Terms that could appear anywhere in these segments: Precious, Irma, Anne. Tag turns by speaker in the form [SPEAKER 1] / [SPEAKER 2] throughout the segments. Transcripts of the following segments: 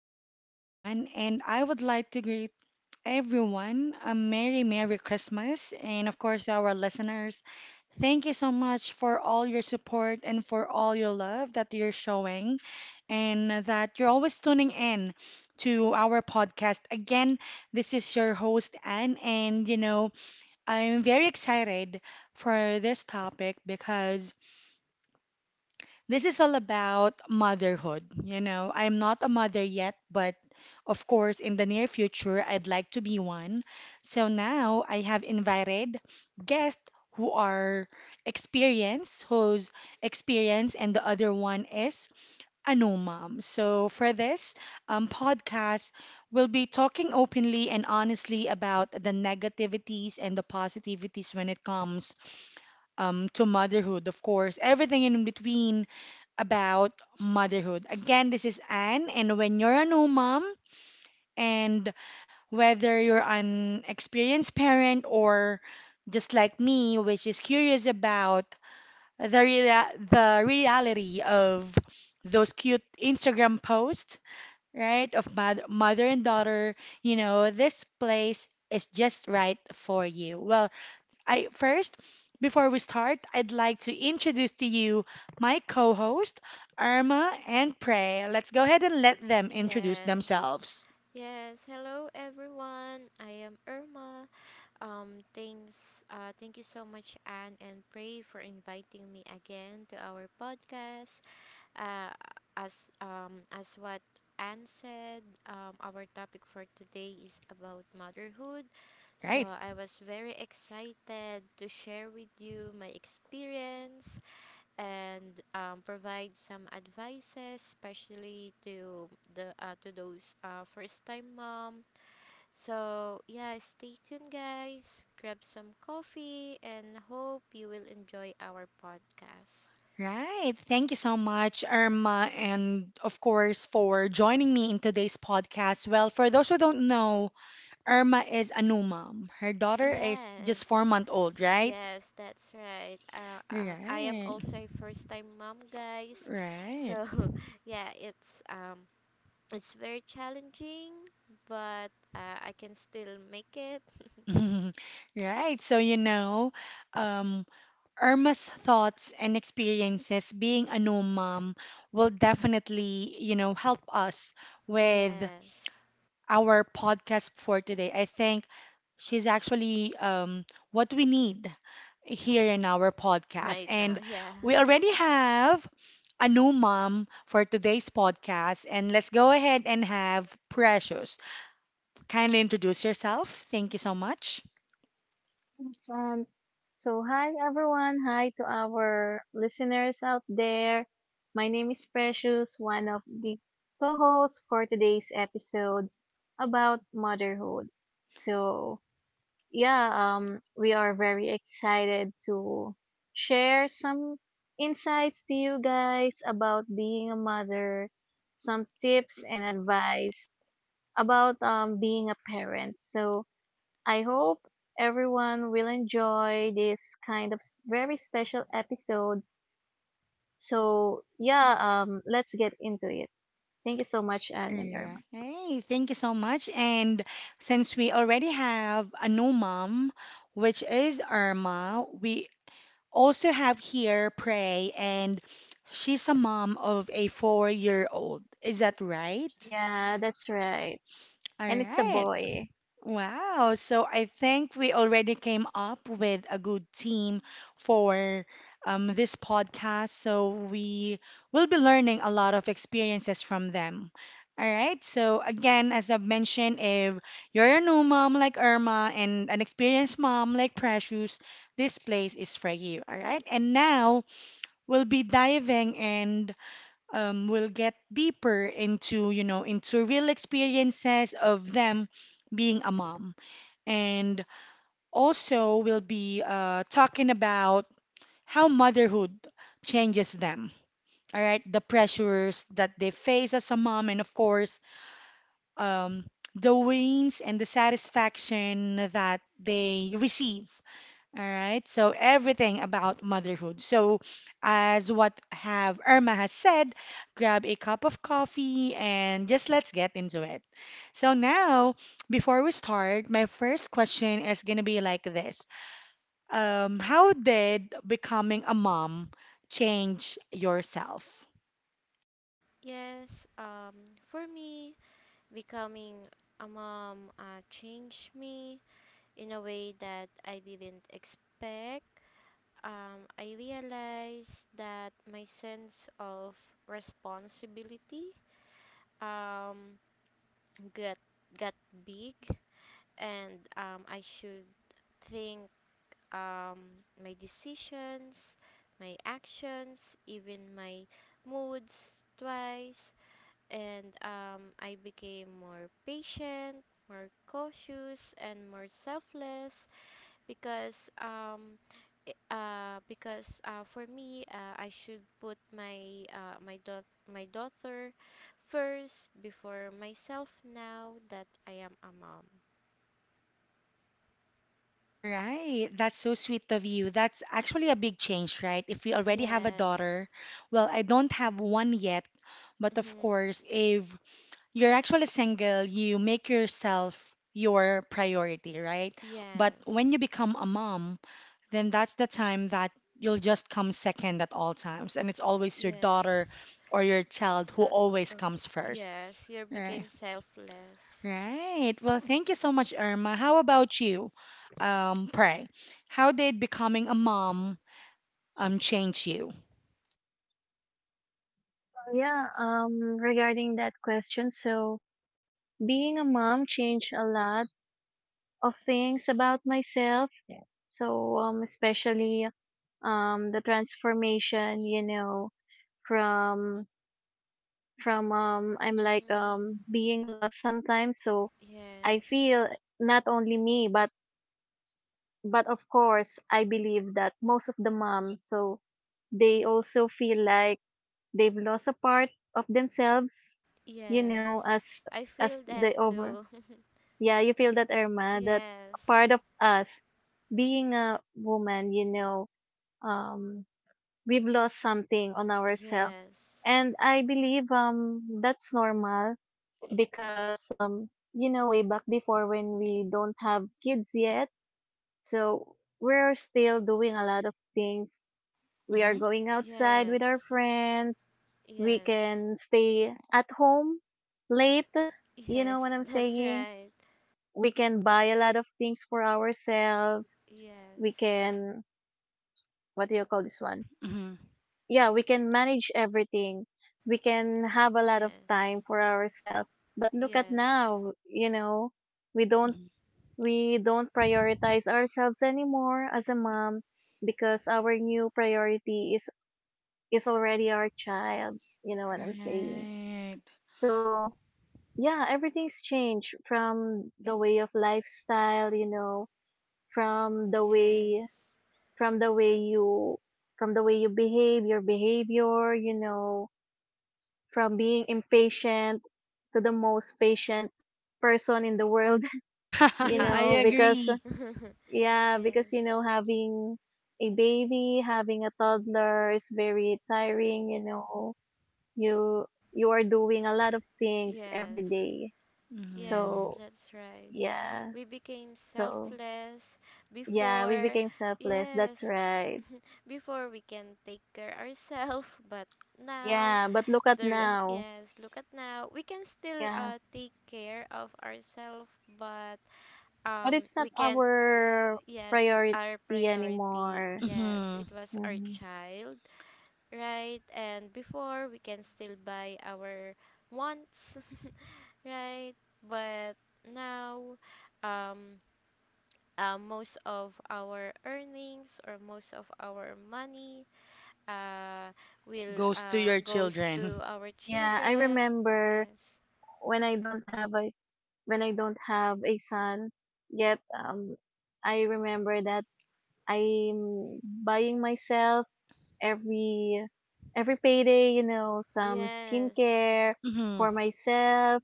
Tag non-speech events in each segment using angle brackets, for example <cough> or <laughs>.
[SPEAKER 1] morning, everyone. And I would like to greet everyone a Merry, Merry Christmas. And of course, our listeners, thank you so much for all your support and for all your love that you're showing and that you're always tuning in to our podcast. Again, this is your host, Anne. And I'm very excited for this topic because this is all about motherhood. I'm not a mother yet, but of course, in the near future, I'd like to be one. So now I have invited guests who are experienced, whose experience and the other one is a no mom. So for this podcast, we'll be talking openly and honestly about the negativities and the positivities when it comes to motherhood, of course, everything in between about motherhood. Again, this is Anne, and when you're a new mom, and whether you're an experienced parent or just like me, which is curious about the the reality of those cute Instagram posts, right, of mother and daughter, this place is just right for you. Well, I first, before we start, I'd like to introduce to you my co-host, Irma and Prey. Let's go ahead and let them introduce
[SPEAKER 2] Yes.
[SPEAKER 1] themselves.
[SPEAKER 2] Yes. Hello, everyone. I am Irma. Thank you so much, Anne and Pray, for inviting me again to our podcast. Uh, as what Anne said, our topic for today is about motherhood. So
[SPEAKER 1] Right.
[SPEAKER 2] I was very excited to share with you my experience and provide some advices, especially to the to those first time mom. So yeah, stay tuned, guys. Grab some coffee and hope you will enjoy our podcast.
[SPEAKER 1] Right. Thank you so much, Irma, and of course for joining me in today's podcast. Well, for those who don't know, Irma is a new mom. Her daughter is just four
[SPEAKER 2] Yes.
[SPEAKER 1] month old, right?
[SPEAKER 2] Yes, that's right. I am
[SPEAKER 1] Right.
[SPEAKER 2] also a first-time mom, guys.
[SPEAKER 1] Right.
[SPEAKER 2] So, <laughs> yeah, it's very challenging, but I can still make it.
[SPEAKER 1] <laughs> Right. So, you know, um, Irma's thoughts and experiences being a new mom will definitely, help us with
[SPEAKER 2] Yes.
[SPEAKER 1] our podcast for today. I think she's actually what we need here in our
[SPEAKER 2] <laughs>
[SPEAKER 1] podcast.
[SPEAKER 2] Right now,
[SPEAKER 1] And
[SPEAKER 2] yeah.
[SPEAKER 1] we
[SPEAKER 2] <laughs>
[SPEAKER 1] already have a new mom for today's podcast. And let's go ahead and have Precious kindly introduce yourself. Thank you so much.
[SPEAKER 3] Um, so hi everyone, hi to our listeners out there. My name is Precious, one of the co-hosts for today's episode about motherhood. So yeah, we are very excited to share some insights to you guys about being a mother, some tips and advice about being a parent. So I hope everyone will enjoy this kind of very special episode. Let's get into it. Thank you so much, Anne and
[SPEAKER 1] Yeah.
[SPEAKER 3] Irma.
[SPEAKER 1] Hey, thank you so much. And since we already have a new mom, which is Irma, we also have here Prey, and she's a mom of a four-year-old. Is that right?
[SPEAKER 3] Yeah, that's right.
[SPEAKER 1] All
[SPEAKER 3] And it's a
[SPEAKER 1] right.
[SPEAKER 3] boy.
[SPEAKER 1] Wow. So I think we already came up with a good team for this podcast. So we will be learning a lot of experiences from them. All right. So again, as I've mentioned, if you're a new mom like Irma and an experienced mom like Precious, this place is for you. All right. And now we'll be diving and we'll get deeper into, into real experiences of them being a mom. And also, we'll be talking about how motherhood changes them. All right, the pressures that they face as a mom, and of course, um, the wins and the satisfaction that they receive. All right, so everything about motherhood. So, as what have Irma has said, grab a cup of coffee and just let's get into it. So now, before we start, my first question is gonna be like this. How did becoming a mom change yourself?
[SPEAKER 2] Yes. For me, becoming a mom changed me in a way that I didn't expect. I realized that my sense of responsibility um, got got big and I should think my decisions, my actions, even my moods twice. And I became more patient, more cautious, and more selfless because for me, I should put my my daughter first before myself now that I am a mom.
[SPEAKER 1] Right, that's so sweet of you. That's actually a big change, right? If we already have a
[SPEAKER 2] Yes.
[SPEAKER 1] daughter, well, I don't have one yet, but of
[SPEAKER 2] Mhm.
[SPEAKER 1] course, if you're actually single, you make yourself your priority, right? But
[SPEAKER 2] Yes.
[SPEAKER 1] when you become a mom, then that's the time that you'll just come second at all times, and it's always your daughter
[SPEAKER 2] Yes.
[SPEAKER 1] or your child who
[SPEAKER 2] So
[SPEAKER 1] always comes
[SPEAKER 2] okay.
[SPEAKER 1] first,
[SPEAKER 2] Yes, you
[SPEAKER 1] right?
[SPEAKER 2] became selfless.
[SPEAKER 1] Right. Well, thank you so much, Irma. How about you, Pray? How did becoming a mom change you?
[SPEAKER 3] Yeah, Regarding that question, so being a mom changed a lot of things about myself. Especially the transformation, you know, from I'm like
[SPEAKER 2] Hmm.
[SPEAKER 3] being lost sometimes. So I
[SPEAKER 2] Yes.
[SPEAKER 3] feel not only me, but of course I believe that most of the moms, so they also feel like they've lost a part of themselves, you know,
[SPEAKER 2] Yes.
[SPEAKER 3] as
[SPEAKER 2] I
[SPEAKER 3] as
[SPEAKER 2] feel that
[SPEAKER 3] the over.
[SPEAKER 2] too.
[SPEAKER 3] Yeah, you feel that,
[SPEAKER 2] <laughs>
[SPEAKER 3] Irma, that
[SPEAKER 2] Yes.
[SPEAKER 3] part of us, being a woman, you know, um we've lost something on ourselves,
[SPEAKER 2] Yes.
[SPEAKER 3] and I believe that's normal because you know, way back before, when we don't have kids yet, so we're still doing a lot of things. We are
[SPEAKER 1] Mm-hmm.
[SPEAKER 3] going outside with our
[SPEAKER 2] Yes.
[SPEAKER 3] friends, we
[SPEAKER 2] Yes.
[SPEAKER 3] can stay at home late, you know
[SPEAKER 2] Yes.
[SPEAKER 3] what
[SPEAKER 2] <laughs>
[SPEAKER 3] I'm
[SPEAKER 2] That's
[SPEAKER 3] saying,
[SPEAKER 2] right.
[SPEAKER 3] we can buy a lot of things for ourselves, we
[SPEAKER 2] Yes.
[SPEAKER 3] can, what do you call this one,
[SPEAKER 1] Mm-hmm.
[SPEAKER 3] yeah, we can manage everything, we can have a lot of
[SPEAKER 2] Yes.
[SPEAKER 3] time for ourselves. But look at
[SPEAKER 2] Yes.
[SPEAKER 3] now, you know, we don't we don't prioritize ourselves anymore as a mom, because our new priority is already our child. You know what I'm saying?
[SPEAKER 1] Right.
[SPEAKER 3] So, yeah, everything's changed. From the way of lifestyle, you know, from the way,
[SPEAKER 2] Yes.
[SPEAKER 3] from the way you from the way you behave, your behavior, you know, from being impatient to the most patient person in the world,
[SPEAKER 2] <laughs>
[SPEAKER 3] <laughs> you
[SPEAKER 1] <laughs> I
[SPEAKER 3] know,
[SPEAKER 2] Yes.
[SPEAKER 3] because,
[SPEAKER 1] agree.
[SPEAKER 2] <laughs>
[SPEAKER 3] yeah, because
[SPEAKER 2] Yes.
[SPEAKER 3] you know, having a baby, having a toddler is very tiring, you know. You you are doing a lot of things every
[SPEAKER 2] Yes.
[SPEAKER 3] day.
[SPEAKER 2] Yes,
[SPEAKER 1] Mm-hmm.
[SPEAKER 3] So,
[SPEAKER 2] that's right.
[SPEAKER 3] yeah.
[SPEAKER 2] We became
[SPEAKER 3] So,
[SPEAKER 2] selfless
[SPEAKER 3] yeah, we
[SPEAKER 2] before.
[SPEAKER 3] became selfless. That's
[SPEAKER 2] Yes,
[SPEAKER 3] right.
[SPEAKER 2] before we can take care ourselves, <laughs> but now
[SPEAKER 3] Yeah, but look at
[SPEAKER 2] there. <laughs>
[SPEAKER 3] now.
[SPEAKER 2] Yes, look at now, we can still
[SPEAKER 3] Yeah.
[SPEAKER 2] take care of ourselves, but
[SPEAKER 3] But it's not
[SPEAKER 2] we can't.
[SPEAKER 3] our
[SPEAKER 2] Yes.
[SPEAKER 3] priority
[SPEAKER 2] Our priority,
[SPEAKER 3] anymore.
[SPEAKER 2] yes,
[SPEAKER 1] Mm-hmm.
[SPEAKER 2] it was our
[SPEAKER 3] Hmm.
[SPEAKER 2] child, right? And before we can still buy our wants, <laughs> right? But now, um most of our earnings or most of our money uh will
[SPEAKER 1] Goes to your
[SPEAKER 2] goes
[SPEAKER 1] children.
[SPEAKER 2] to our
[SPEAKER 3] Yeah, I
[SPEAKER 2] children.
[SPEAKER 3] remember
[SPEAKER 2] Yes.
[SPEAKER 3] when I don't have a when I don't have a son yet. I remember that I'm buying myself every every payday, you know, some
[SPEAKER 2] Yes.
[SPEAKER 3] skincare
[SPEAKER 1] Mm-hmm.
[SPEAKER 3] for myself,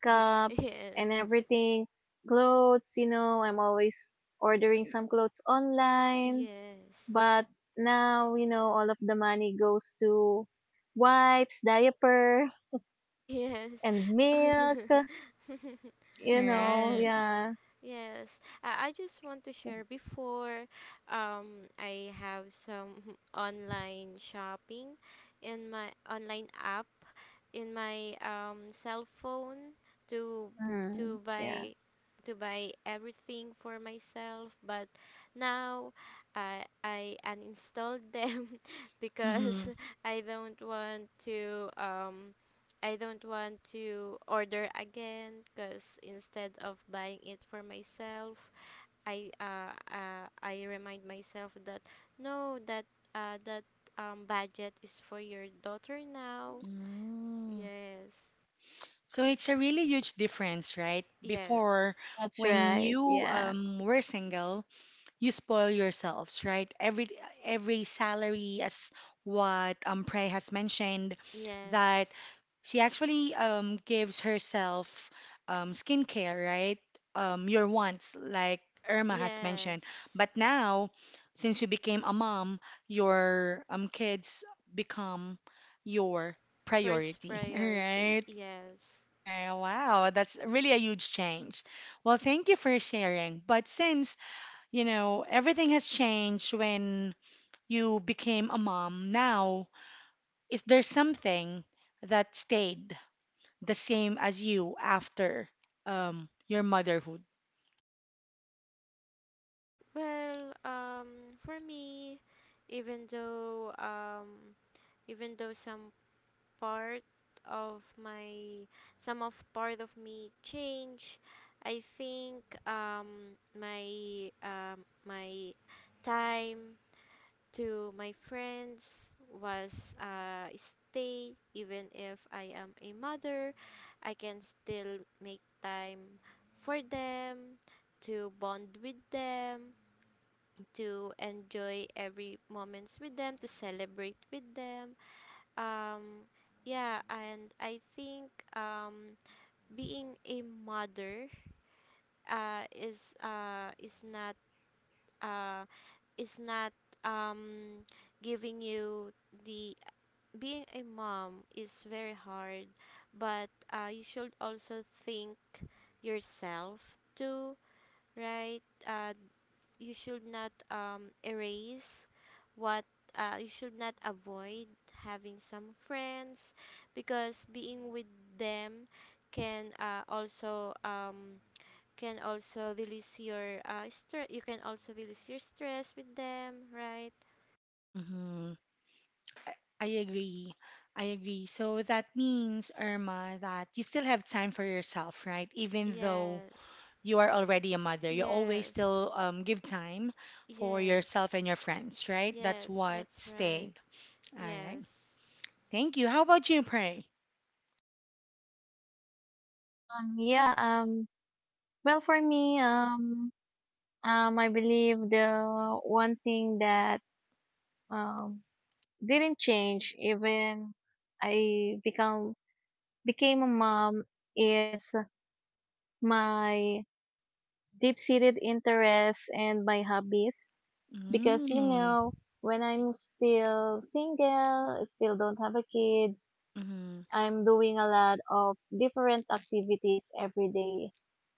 [SPEAKER 2] <laughs>
[SPEAKER 3] and
[SPEAKER 2] Yes.
[SPEAKER 3] everything, clothes, you know, I'm always ordering some clothes online.
[SPEAKER 2] Yes.
[SPEAKER 3] But now, you know, all of the money goes to wipes, diaper,
[SPEAKER 2] Yes.
[SPEAKER 3] and milk,
[SPEAKER 2] <laughs>
[SPEAKER 3] you know,
[SPEAKER 2] Yes.
[SPEAKER 1] Right.
[SPEAKER 3] yeah.
[SPEAKER 2] Yes. I just want to share, before I have some <laughs> online shopping in my online app in my cell phone to
[SPEAKER 3] Mm,
[SPEAKER 2] to
[SPEAKER 3] yeah,
[SPEAKER 2] buy to buy everything for myself, but now I uninstalled <laughs> them because
[SPEAKER 1] Mm-hmm.
[SPEAKER 2] <laughs> I don't want to, I don't want to order again, because instead of buying it for myself, I remind myself that no, that budget is for your daughter now.
[SPEAKER 1] Mm.
[SPEAKER 2] Yes.
[SPEAKER 1] So it's a really huge difference, right?
[SPEAKER 2] Yes.
[SPEAKER 1] Before,
[SPEAKER 3] that's
[SPEAKER 1] when
[SPEAKER 3] right.
[SPEAKER 1] you
[SPEAKER 3] Yeah.
[SPEAKER 1] were single, you spoil yourselves, right? Every salary, as what Prey has mentioned, that
[SPEAKER 2] Yes.
[SPEAKER 1] she actually gives herself skincare, right? Your wants, like Irma has mentioned.
[SPEAKER 2] Yes.
[SPEAKER 1] But now, since you became a mom, your kids become your
[SPEAKER 2] First
[SPEAKER 1] priority, <laughs>
[SPEAKER 2] priority.
[SPEAKER 1] right?
[SPEAKER 2] Yes.
[SPEAKER 1] Right, wow, that's really a huge change. Well, thank you for sharing. But since everything has changed when you became a mom. Now, is there something that stayed the same as you after your motherhood?
[SPEAKER 2] Well, for me, even though um, even though some part of my, some of part of me change, I think my time to my friends was stay. Even if I am a mother, I can still make time for them, to bond with them, to enjoy every moments with them, to celebrate with them. Um, yeah, and I think um, being a mother is not uh, is not um, giving you the, being a mom is very hard, but you should also think yourself too, right? You should not erase what, you should not avoid having some friends, because being with them can also can also release your stress with them, right?
[SPEAKER 1] hmm I agree. I agree. So that means, Irma, that you still have time for yourself, right? Even though
[SPEAKER 2] Yes.
[SPEAKER 1] you are already a mother, you always
[SPEAKER 2] Yes.
[SPEAKER 1] still give time for
[SPEAKER 2] Yes.
[SPEAKER 1] yourself and your friends, right? That's
[SPEAKER 2] Yes,
[SPEAKER 1] what
[SPEAKER 2] that's right.
[SPEAKER 1] stayed. All right.
[SPEAKER 2] Yes.
[SPEAKER 1] Thank you. How about you, Pray?
[SPEAKER 3] Um, yeah, um, well, for me, I believe the one thing that um, didn't change even I become, became a mom is my deep-seated interests and my hobbies. Because, you
[SPEAKER 1] Mm.
[SPEAKER 3] know, when I'm still single, still don't have a kids,
[SPEAKER 1] Mm-hmm.
[SPEAKER 3] I'm doing a lot of different activities every day.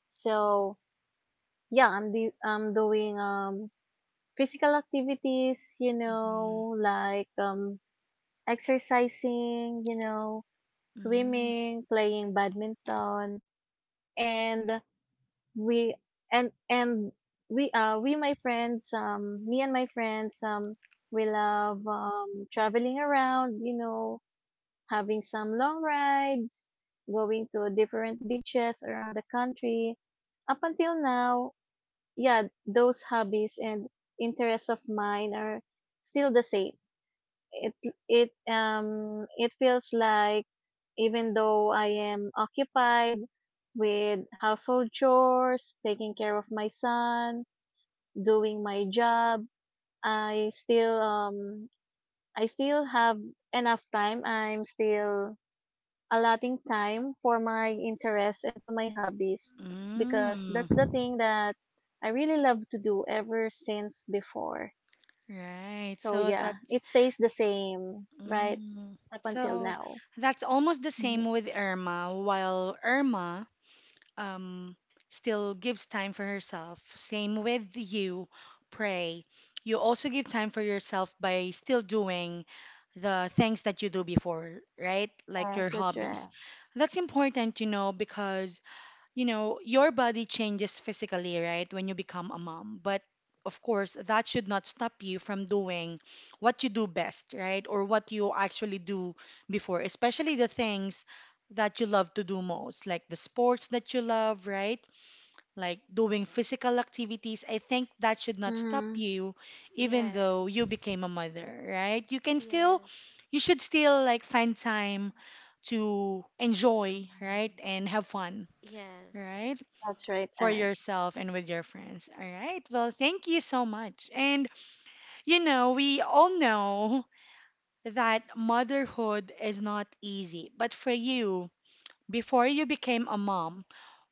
[SPEAKER 3] So yeah, I'm doing physical activities, you
[SPEAKER 1] Mm-hmm.
[SPEAKER 3] know, like exercising, you know,
[SPEAKER 1] Mm.
[SPEAKER 3] swimming, playing badminton, and we and we my friends, me and my friends, we love traveling around, you know, having some long rides, going to different beaches around the country. Up until now, yeah, those hobbies and interests of mine are still the same. It it feels like even though I am occupied with household chores, taking care of my son, doing my job, I still um I still have enough time. I'm still allotting time for my interests and to my hobbies, because
[SPEAKER 1] Mm.
[SPEAKER 3] that's the thing that I really love to do ever since before.
[SPEAKER 1] Right.
[SPEAKER 3] So
[SPEAKER 1] So
[SPEAKER 3] yeah,
[SPEAKER 1] that's
[SPEAKER 3] it stays the same, right?
[SPEAKER 1] mm.
[SPEAKER 3] Up until
[SPEAKER 1] So
[SPEAKER 3] now.
[SPEAKER 1] that's almost the
[SPEAKER 3] Mhm.
[SPEAKER 1] same with Irma, while Irma um still gives time for herself. Same with you, Pray. You also give time for yourself by still doing the things that you do before, right? Like your
[SPEAKER 3] Yes, that's
[SPEAKER 1] hobbies.
[SPEAKER 3] right.
[SPEAKER 1] That's important to know because your body changes physically, right, when you become a mom. But of course, that should not stop you from doing what you do best, right, or what you actually do before, especially the things that you love to do most, like the sports that you love, right? Like doing physical activities. I think that should not stop
[SPEAKER 3] Hmm.
[SPEAKER 1] you, even though you
[SPEAKER 2] Yes.
[SPEAKER 1] became a mother, right? You can still,
[SPEAKER 2] Yes.
[SPEAKER 1] you should still like find time to enjoy,
[SPEAKER 3] Mm.
[SPEAKER 1] right, and have fun,
[SPEAKER 2] Yes.
[SPEAKER 1] right?
[SPEAKER 3] That's right.
[SPEAKER 1] For
[SPEAKER 3] And
[SPEAKER 1] yourself and with your friends. All right. Well, thank you so much. And we all know that motherhood is not easy. But for you, before you became a mom,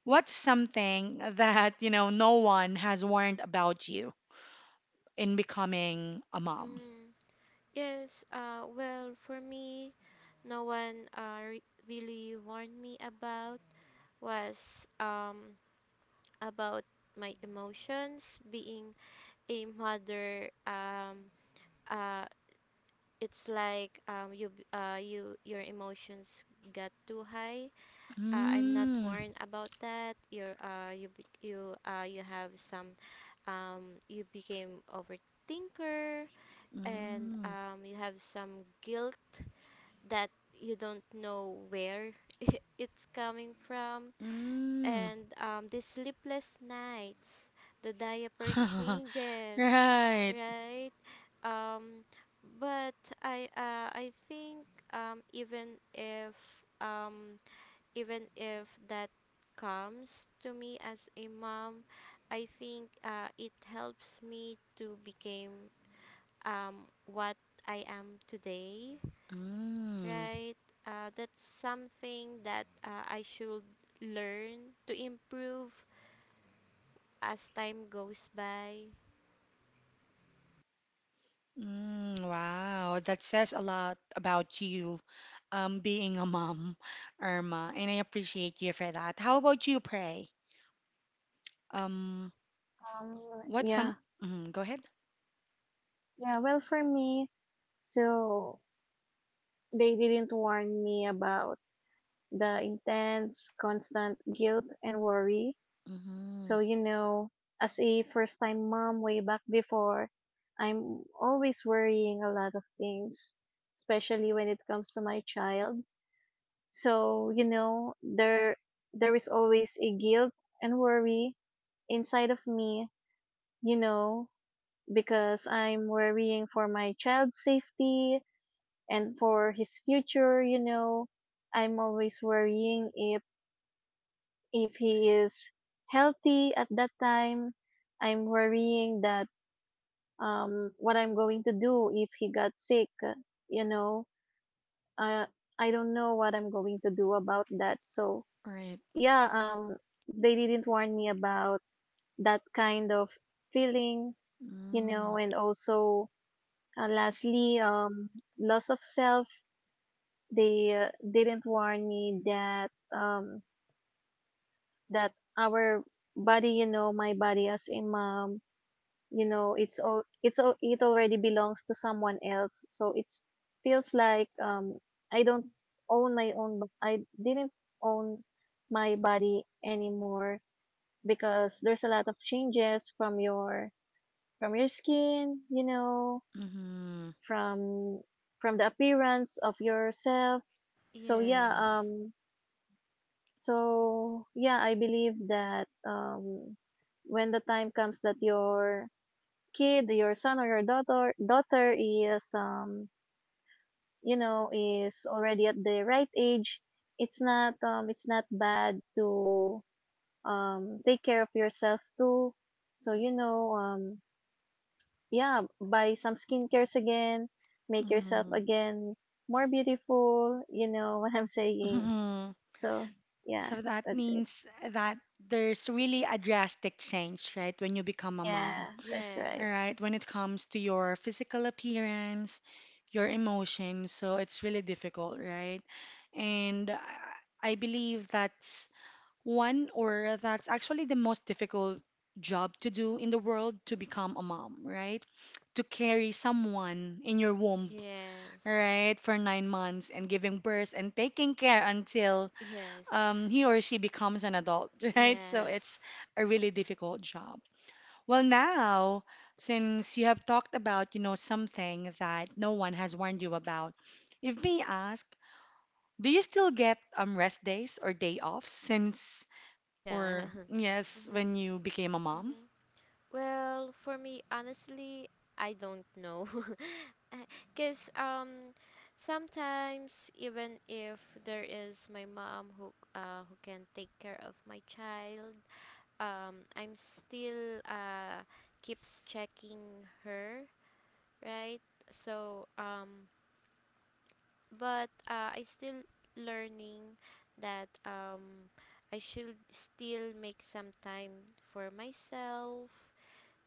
[SPEAKER 1] what's something that no one has warned about you in becoming a mom?
[SPEAKER 2] Mm. Yes, well, for me, no one really warned me about was about my emotions. Being a mother, uh, it's like, you, your emotions got too high. I'm not
[SPEAKER 1] Mm,
[SPEAKER 2] warned about that. You have some, you became overthinker and
[SPEAKER 1] mm,
[SPEAKER 2] you have some guilt that you don't know where <laughs> it's coming from.
[SPEAKER 1] mm.
[SPEAKER 2] And the sleepless nights, the diaper
[SPEAKER 1] <laughs>
[SPEAKER 2] changes,
[SPEAKER 1] Right.
[SPEAKER 2] right? Um, but I think, um, even if um, even if that comes to me as a mom, I think it helps me to become what I am today,
[SPEAKER 1] Mm,
[SPEAKER 2] right? That's something that I should learn to improve as time goes by.
[SPEAKER 1] wow, that says a lot about you being a mom, Irma, and I appreciate you for that. How about you, Pray? Um,
[SPEAKER 3] um,
[SPEAKER 1] what's some?
[SPEAKER 3] yeah,
[SPEAKER 1] Mhm, go ahead.
[SPEAKER 3] yeah. Well, for me, so they didn't warn me about the intense, constant guilt and worry.
[SPEAKER 1] Mm-hmm.
[SPEAKER 3] So, you know, as a first time mom way back before, I'm always worrying a lot of things, especially when it comes to my child. So, you know, there is always a guilt and worry inside of me, you know, because I'm worrying for my child's safety and for his future, you know. I'm always worrying if he is healthy at that time. I'm worrying that what I'm going to do if he got sick. You know, I I don't know what I'm going to do about that. So
[SPEAKER 1] Right.
[SPEAKER 3] yeah, they didn't warn me about that kind of feeling. You
[SPEAKER 1] Mm-hmm.
[SPEAKER 3] know, and also lastly, loss of self. They didn't warn me that that our body, you know, my body as a mom, you know, it's all it already belongs to someone else, so it's feels like i don't I didn't own my body anymore because there's a lot of changes from your, from your skin, you know,
[SPEAKER 1] Mm-hmm.
[SPEAKER 3] from from the appearance of yourself. So yeah,
[SPEAKER 2] Yes,
[SPEAKER 3] so yeah, I believe that when the time comes that your kid, your son or your daughter is you know, is already at the right age, it's not bad to take care of yourself too. So you know, yeah, buy some skincares again, make yourself
[SPEAKER 1] Mm-hmm.
[SPEAKER 3] again more beautiful, you know, <laughs> what I'm saying.
[SPEAKER 1] hmm
[SPEAKER 3] So
[SPEAKER 1] So
[SPEAKER 3] yeah,
[SPEAKER 1] that
[SPEAKER 3] that's it.
[SPEAKER 1] means that there's really a drastic change, right, when you become a
[SPEAKER 3] Yeah,
[SPEAKER 1] mom,
[SPEAKER 3] that's right.
[SPEAKER 2] yes,
[SPEAKER 1] right? When it comes to your physical appearance, your emotions, so it's really difficult, right? And I believe that's One, or that's actually the most difficult job to do in the world to become a mom, right? To carry someone in your womb,
[SPEAKER 2] yes,
[SPEAKER 1] right, for 9 months and giving birth and taking care until
[SPEAKER 2] yes,
[SPEAKER 1] he or she becomes an adult, <laughs> right? So it's
[SPEAKER 2] yes,
[SPEAKER 1] a really difficult job. Well, now, since you have talked about, something that no one has warned you about, if may ask, do you still get rest days or day offs since?
[SPEAKER 2] yeah.
[SPEAKER 1] Or,
[SPEAKER 2] <laughs>
[SPEAKER 1] yes,
[SPEAKER 2] Mm-hmm,
[SPEAKER 1] when you became a mom.
[SPEAKER 2] mm-hmm. Well, for me, honestly, I don't know. <laughs> Because sometimes, even if there is my mom who can take care of my child, I'm still keeps checking her, right? So but I still learning that I should still make some time for myself,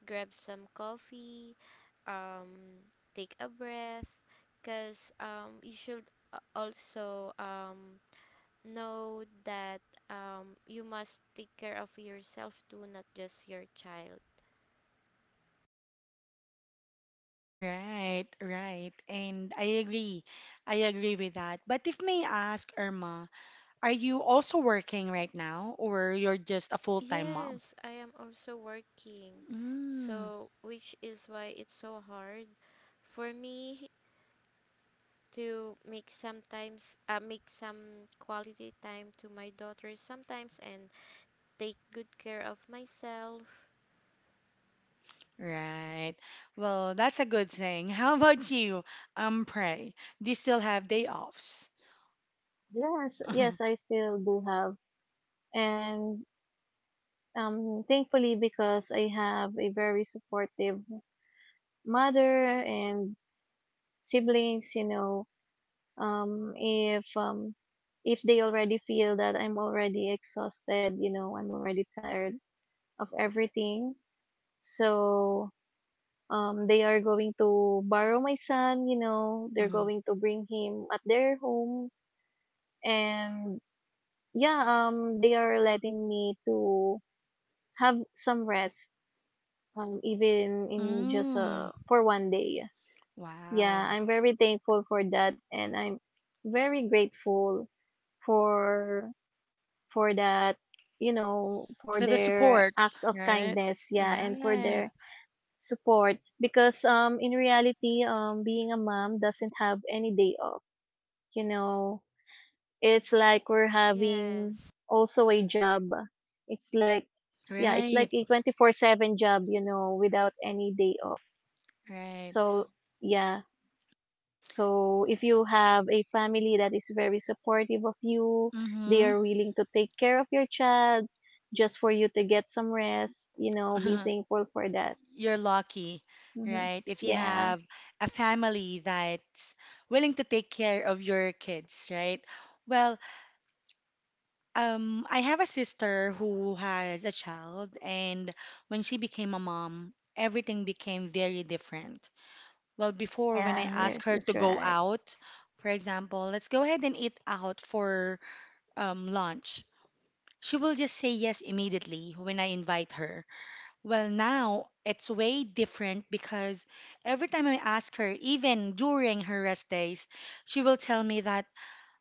[SPEAKER 2] grab some coffee, um take a breath, cuz you should also know that you must take care of yourself too, not just your child.
[SPEAKER 1] Right, right. And I agree. I agree with that. But if may ask, Irma, are you also working right now or you're just a full-time mom?
[SPEAKER 2] Yes, I am also working.
[SPEAKER 1] Mm,
[SPEAKER 2] So, which is why it's so hard for me to make sometimes, make some quality time to my daughter sometimes and take good care of myself.
[SPEAKER 1] right. Well, that's a good thing. <laughs> How about you, Pray? Do you still have day offs?
[SPEAKER 3] Yes, yes,
[SPEAKER 1] <laughs>
[SPEAKER 3] I still do have. And thankfully, because I have a very supportive mother and siblings, you know, um, if um, if they already feel that I'm already exhausted, you know, I'm already tired of everything, so they are going to borrow my son, you know, they're
[SPEAKER 1] Mm,
[SPEAKER 3] going to bring him at their home, and yeah, they are letting me to have some rest, um, even in just
[SPEAKER 1] mm,
[SPEAKER 3] uh, for 1 day. Yeah,
[SPEAKER 1] wow.
[SPEAKER 3] I'm very thankful for that, and I'm very grateful for for that. You know,
[SPEAKER 1] For
[SPEAKER 3] for
[SPEAKER 1] the
[SPEAKER 3] their
[SPEAKER 1] support,
[SPEAKER 3] act of
[SPEAKER 1] right?
[SPEAKER 3] kindness, yeah, and for
[SPEAKER 1] Right,
[SPEAKER 3] their support. Because in reality, being a mom doesn't have any day off. You know, it's like we're having
[SPEAKER 2] Yes.
[SPEAKER 3] also a job. It's like, yeah, it's
[SPEAKER 1] right,
[SPEAKER 3] like a 24/7 job, you know, without any day off.
[SPEAKER 1] right.
[SPEAKER 3] So, yeah. So, if you have a family that is very supportive of you, they
[SPEAKER 1] Mm-hmm.
[SPEAKER 3] are willing to take care of your child just for you to get some rest, you know, be
[SPEAKER 1] <laughs>
[SPEAKER 3] thankful for that.
[SPEAKER 1] You're lucky,
[SPEAKER 3] Mm-hmm.
[SPEAKER 1] right? If you
[SPEAKER 3] Yeah. Yeah.
[SPEAKER 1] have a family that's willing to take care of your kids, right? Well, I have a sister who has a child, and when she became a mom, everything became very different. Well, before, when I
[SPEAKER 3] Yeah,
[SPEAKER 1] asked
[SPEAKER 3] yes,
[SPEAKER 1] her to
[SPEAKER 3] that's
[SPEAKER 1] go
[SPEAKER 3] right.
[SPEAKER 1] out, for example, let's go ahead and eat out for lunch, she will just say yes immediately when I invite her. Well, now it's way different because every time I ask her, even during her rest days, she will tell me that,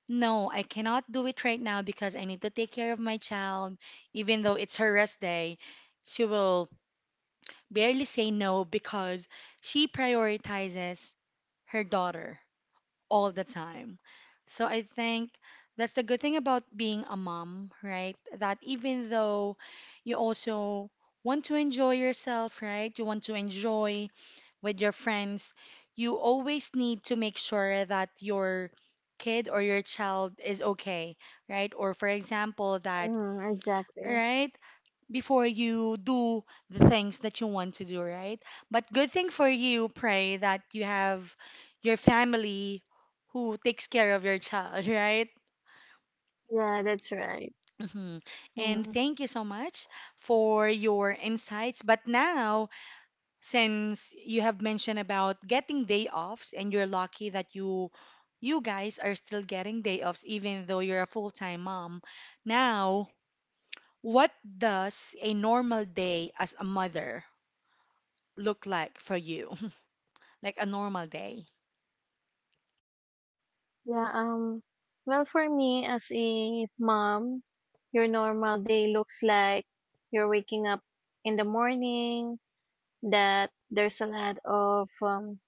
[SPEAKER 1] no, I cannot do it right now because I need to take care of my child. Even though it's her rest day, she will barely say no because she prioritizes her daughter all the time. So I think that's the good thing about being a mom, right? That even though you also want to enjoy yourself, right? You want to enjoy with your friends, you always need to make sure that your kid or your child is okay, right? Or for example, that,
[SPEAKER 3] Mm, exactly.
[SPEAKER 1] right? Before you do the things that you want to do, right? But good thing for you, Pray that you have your family who takes care of your child, <laughs> right?
[SPEAKER 3] Yeah, that's right.
[SPEAKER 1] Mhm. And
[SPEAKER 3] Mm.
[SPEAKER 1] thank you so much for your insights. But now, since you have mentioned about getting day offs and you're lucky that you guys are still getting day offs even though you're a full-time mom. Now, what does a normal day as a mother look like for you? <laughs> Like a normal day?
[SPEAKER 3] Yeah, um, well, for me as a mom, your normal day looks like you're waking up in the morning, that there's a lot of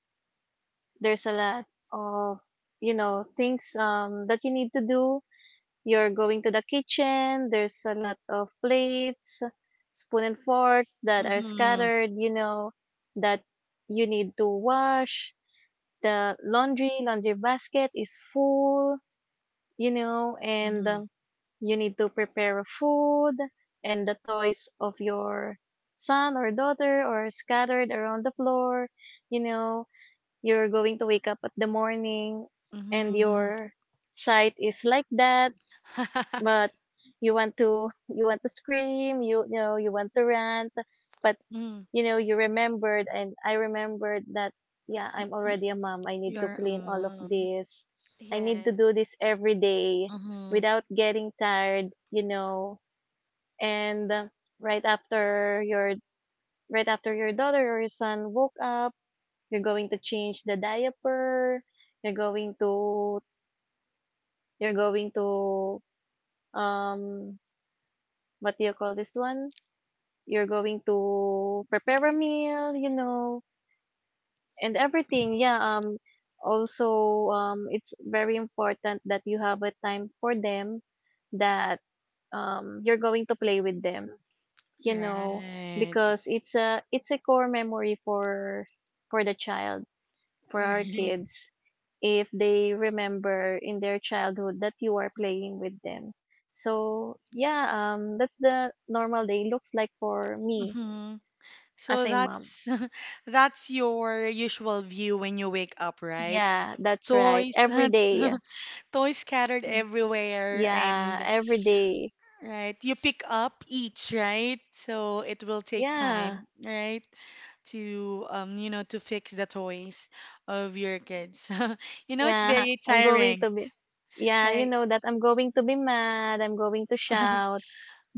[SPEAKER 3] there's a lot of you know, things that you need to do. You're going to the kitchen, there's a lot of plates, spoon and forks that are
[SPEAKER 1] Mm-hmm.
[SPEAKER 3] scattered, you know, that you need to wash. The laundry, basket is full, you know, and
[SPEAKER 1] Mm-hmm.
[SPEAKER 3] you need to prepare food, and the toys of your son or daughter are scattered around the floor. You know, you're going to wake up at the morning and
[SPEAKER 1] Mm-hmm.
[SPEAKER 3] your sight is like that,
[SPEAKER 1] <laughs>
[SPEAKER 3] but you want to scream, you know, you want to rant, but
[SPEAKER 1] Mm.
[SPEAKER 3] you know, you remembered, and I remembered that, yeah, I'm
[SPEAKER 1] Y- y-
[SPEAKER 3] already a mom. I need to
[SPEAKER 1] Your
[SPEAKER 3] clean all of
[SPEAKER 1] mom.
[SPEAKER 3] this. I need to do
[SPEAKER 2] Yes.
[SPEAKER 3] this every day
[SPEAKER 1] Mm-hmm.
[SPEAKER 3] without getting tired, you know. And right after your right after your daughter or your son woke up, you're going to change the diaper. You're going to you're going to um what do you call this one? You're going to prepare a meal, you know, and everything. Yeah, also, it's very important that you have a time for them, that you're going to play with them, you know,
[SPEAKER 1] Right.
[SPEAKER 3] because it's a core memory for the child, for our
[SPEAKER 1] <laughs> Right.
[SPEAKER 3] kids, if they remember in their childhood that you are playing with them. So yeah, that's the normal day looks like for me
[SPEAKER 1] Mm-hmm. So
[SPEAKER 3] as a mom.
[SPEAKER 1] that's <laughs> that's your usual view when you wake up, right?
[SPEAKER 3] Yeah, that's right,
[SPEAKER 1] Toys, <laughs>
[SPEAKER 3] every
[SPEAKER 1] that's
[SPEAKER 3] day.
[SPEAKER 1] <laughs> toys scattered everywhere
[SPEAKER 3] Yeah,
[SPEAKER 1] and
[SPEAKER 3] every day.
[SPEAKER 1] Right. You pick up each, right? So it will take
[SPEAKER 3] Yeah.
[SPEAKER 1] time, right? To fix the toys of your kids. <laughs> It's
[SPEAKER 3] Yeah,
[SPEAKER 1] very
[SPEAKER 3] <laughs> I'm going
[SPEAKER 1] tiring,
[SPEAKER 3] to be Yeah, you
[SPEAKER 1] right?
[SPEAKER 3] know that I'm going to be mad, I'm going to
[SPEAKER 1] <laughs>
[SPEAKER 3] shout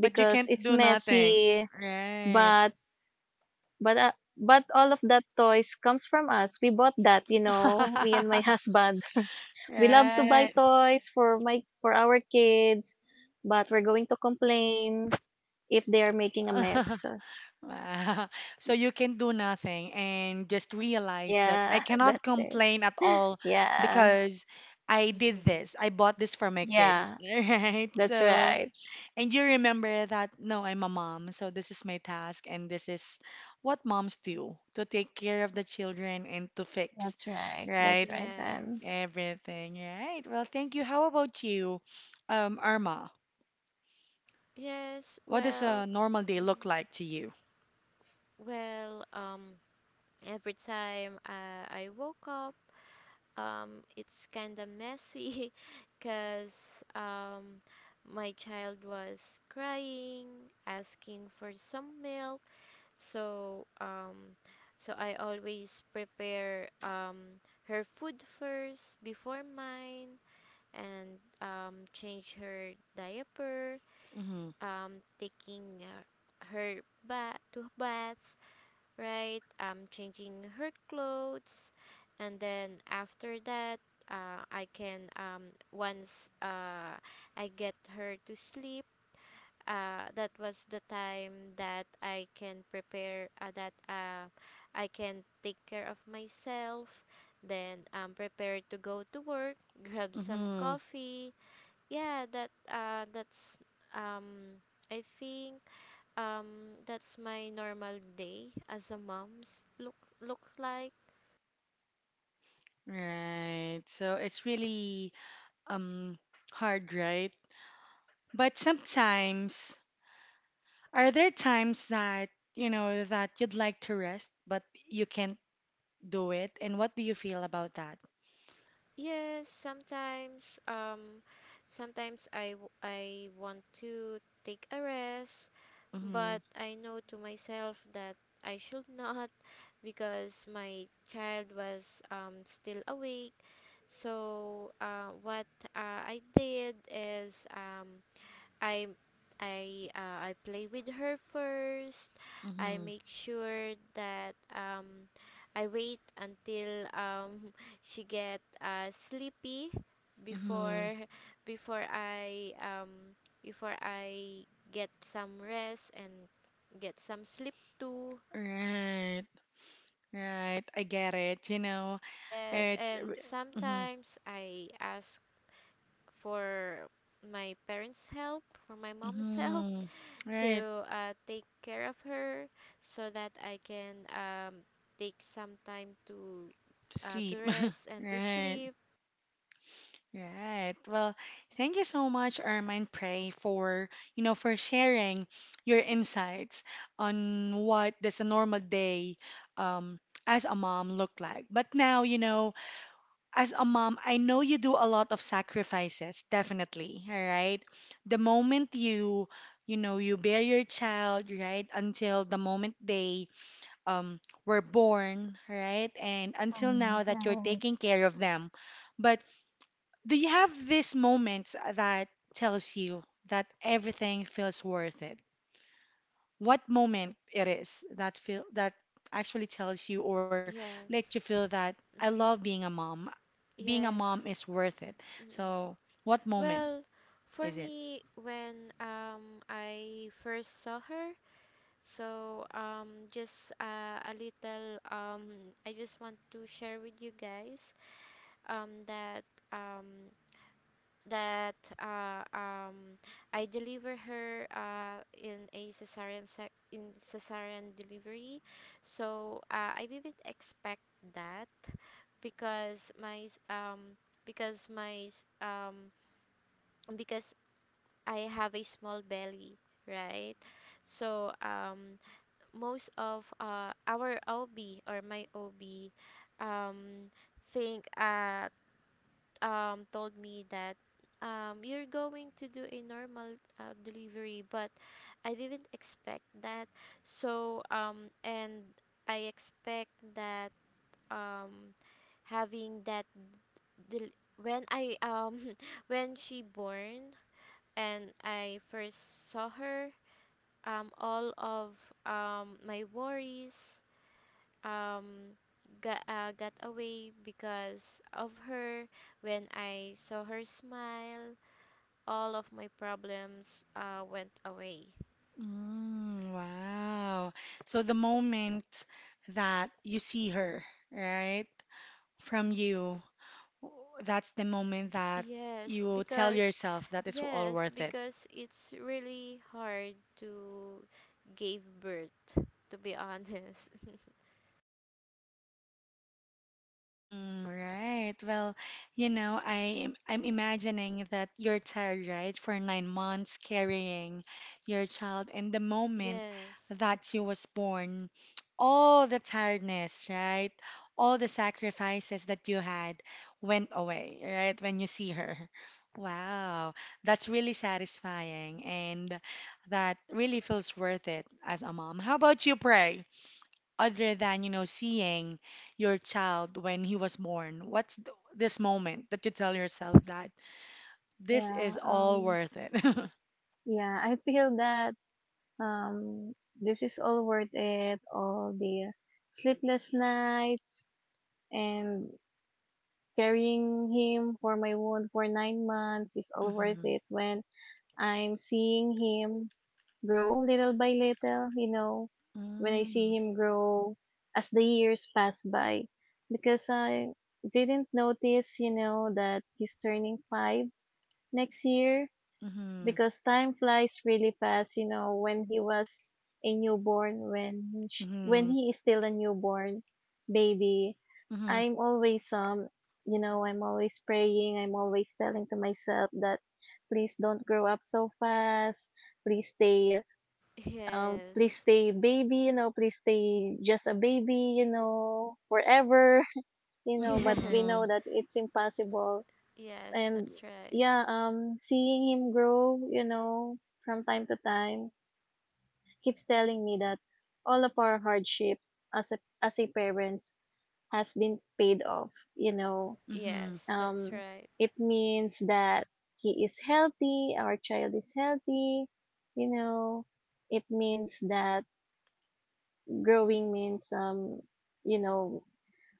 [SPEAKER 1] But you can't
[SPEAKER 3] it's
[SPEAKER 1] do nothing.
[SPEAKER 3] messy,
[SPEAKER 1] Right.
[SPEAKER 3] but but uh, but all of that toys comes from us. We bought that, you know, me and my
[SPEAKER 1] <laughs>
[SPEAKER 3] husband. <laughs> We love to buy
[SPEAKER 1] Right.
[SPEAKER 3] toys for my for our kids, but we're going to complain if they are making a mess.
[SPEAKER 1] <laughs>
[SPEAKER 3] So,
[SPEAKER 1] Wow. So you can do nothing and just realize that
[SPEAKER 3] yeah,
[SPEAKER 1] I
[SPEAKER 3] <laughs>
[SPEAKER 1] cannot
[SPEAKER 3] that's
[SPEAKER 1] complain at
[SPEAKER 3] it.
[SPEAKER 1] all
[SPEAKER 3] <laughs> Yeah.
[SPEAKER 1] because I did
[SPEAKER 2] <laughs>
[SPEAKER 1] this. I bought this for my kid.
[SPEAKER 2] Yeah.
[SPEAKER 3] Yeah,
[SPEAKER 1] <laughs> Right.
[SPEAKER 3] that's
[SPEAKER 1] So
[SPEAKER 3] right.
[SPEAKER 1] And you remember that, no, I'm a mom, so this is my task, and this is what moms do to take care of the children and to fix,
[SPEAKER 3] That's right. That's
[SPEAKER 1] right?
[SPEAKER 3] right, man.
[SPEAKER 2] Yes.
[SPEAKER 1] Everything, right? Well, thank you. How about you, Irma?
[SPEAKER 2] Yes.
[SPEAKER 1] What does
[SPEAKER 2] Well,
[SPEAKER 1] a normal day look
[SPEAKER 2] mm,
[SPEAKER 1] like to you?
[SPEAKER 2] well, um every time I woke up, it's kind of messy <laughs> because my child was crying, asking for some milk. So, so I always prepare her food first before mine and change her diaper,
[SPEAKER 1] Hmm.
[SPEAKER 2] taking her baths, right? Changing her clothes, and then after that, I can once I get her to sleep. That was the time that I can prepare. That I can take care of myself. Then I'm prepared to go to work. <laughs> Grab some
[SPEAKER 1] Hmm.
[SPEAKER 2] coffee. Yeah, that that's um. I think that's my normal day as a mom's look like.
[SPEAKER 1] Right. So it's really um hard, right? But sometimes, are there times that, you know, that you'd like to rest, but you can't do it, and what do you feel about that?
[SPEAKER 2] Yes, sometimes, I I want to take a rest,
[SPEAKER 1] Mm-hmm,
[SPEAKER 2] but I know to myself that I should <laughs> not, because my child was still awake. So, what I did is, I I play with her first. I
[SPEAKER 1] mm-hmm,
[SPEAKER 2] make sure that I wait until <laughs> she get sleepy
[SPEAKER 1] mm-hmm.
[SPEAKER 2] before <laughs> before I um before I get some rest and get some sleep too.
[SPEAKER 1] Right, right. I get it. You know,
[SPEAKER 2] Yes,
[SPEAKER 1] it's,
[SPEAKER 2] and
[SPEAKER 1] mm-hmm,
[SPEAKER 2] sometimes I ask for my parents' help, for my mom's <laughs> help
[SPEAKER 1] mm-hmm. Right,
[SPEAKER 2] to take care of her so that I can take some time to,
[SPEAKER 1] to sleep.
[SPEAKER 2] to
[SPEAKER 1] <laughs>
[SPEAKER 2] rest and to
[SPEAKER 1] Right,
[SPEAKER 2] sleep.
[SPEAKER 1] right. Well, thank you so much, Ermine Prey, for sharing your insights on what does a normal day um as a mom look like. But now, you know, as a mom, I know you do a lot of sacrifices, definitely, all right? The moment you bear your child, right, until the moment they um were born, right? And until now that you're
[SPEAKER 3] Right.
[SPEAKER 1] taking care of them. But do you have these moments that tells you that everything feels worth it? What moment it is that feel that actually tells you or let you
[SPEAKER 2] Yes.
[SPEAKER 1] feel that I
[SPEAKER 2] Hmm.
[SPEAKER 1] love being a mom. Being a mom
[SPEAKER 2] Yes.
[SPEAKER 1] is worth it.
[SPEAKER 2] Mm.
[SPEAKER 1] So, what moment
[SPEAKER 2] Well, for
[SPEAKER 1] is it?
[SPEAKER 2] me, when I first saw her, so just a little I just want to share with you guys that, um, that uh, um, I deliver her in cesarean delivery. So I didn't expect that because my s- because my s- because I have a small belly, right? So most of our OB or my OB um think told me that you're going to do a normal delivery, but I didn't expect that. So and I expect that, um having that del- when I <laughs> when she born and I first saw her, all of my worries um got away because of her. When I saw her smile, all of my problems went away.
[SPEAKER 1] Mm, wow. So, the moment that you see her, right, from you, that's the moment that
[SPEAKER 2] Yes,
[SPEAKER 1] you tell
[SPEAKER 2] because
[SPEAKER 1] yourself that it's all
[SPEAKER 2] yes,
[SPEAKER 1] worth it.
[SPEAKER 2] because it's really hard to give birth, to be honest.
[SPEAKER 1] Mhm, right. Well, you know, I I'm imagining that you're tired, right, for 9 months carrying your child, and the
[SPEAKER 2] <laughs>
[SPEAKER 1] moment
[SPEAKER 2] Yes.
[SPEAKER 1] that she was born, all the tiredness, right, all the sacrifices that you had went away, right, when you see her. <laughs> Wow, that's really satisfying, and that really feels worth it as a mom. How about you, Pray? Other than, you know, seeing your child when he was born? What's this moment that you tell yourself that this is
[SPEAKER 3] Yeah,
[SPEAKER 1] all
[SPEAKER 3] um,
[SPEAKER 1] worth it? <laughs>
[SPEAKER 3] yeah, I feel that um, this is all worth it. All the sleepless nights and carrying him for my wound for 9 months is all worth
[SPEAKER 1] Mm-hmm.
[SPEAKER 3] it when I'm seeing him grow little by little, you know, when I see him grow as the years pass by. Because I didn't notice, that he's turning five next year,
[SPEAKER 1] Mm-hmm.
[SPEAKER 3] because time flies really fast when he was a newborn, when
[SPEAKER 1] Mm-hmm.
[SPEAKER 3] he is still a newborn baby.
[SPEAKER 1] Mm-hmm.
[SPEAKER 3] I'm always, I'm always praying, I'm always telling to myself that please don't grow up so fast, please stay, please
[SPEAKER 2] Yes.
[SPEAKER 3] stay baby, please stay just a baby, forever. <laughs>
[SPEAKER 2] <laughs>
[SPEAKER 3] But
[SPEAKER 2] Yes.
[SPEAKER 3] we know
[SPEAKER 1] Mm-hmm.
[SPEAKER 3] that it's impossible.
[SPEAKER 2] Yes,
[SPEAKER 3] And
[SPEAKER 2] that's right.
[SPEAKER 3] yeah, seeing him grow, from time to time, keeps telling me that all of our hardships as a parents has been paid off.
[SPEAKER 1] Mm-hmm.
[SPEAKER 2] Yes, that's
[SPEAKER 3] Um,
[SPEAKER 2] right.
[SPEAKER 3] it means that he is healthy, our child is healthy. You know, it means that growing means you know,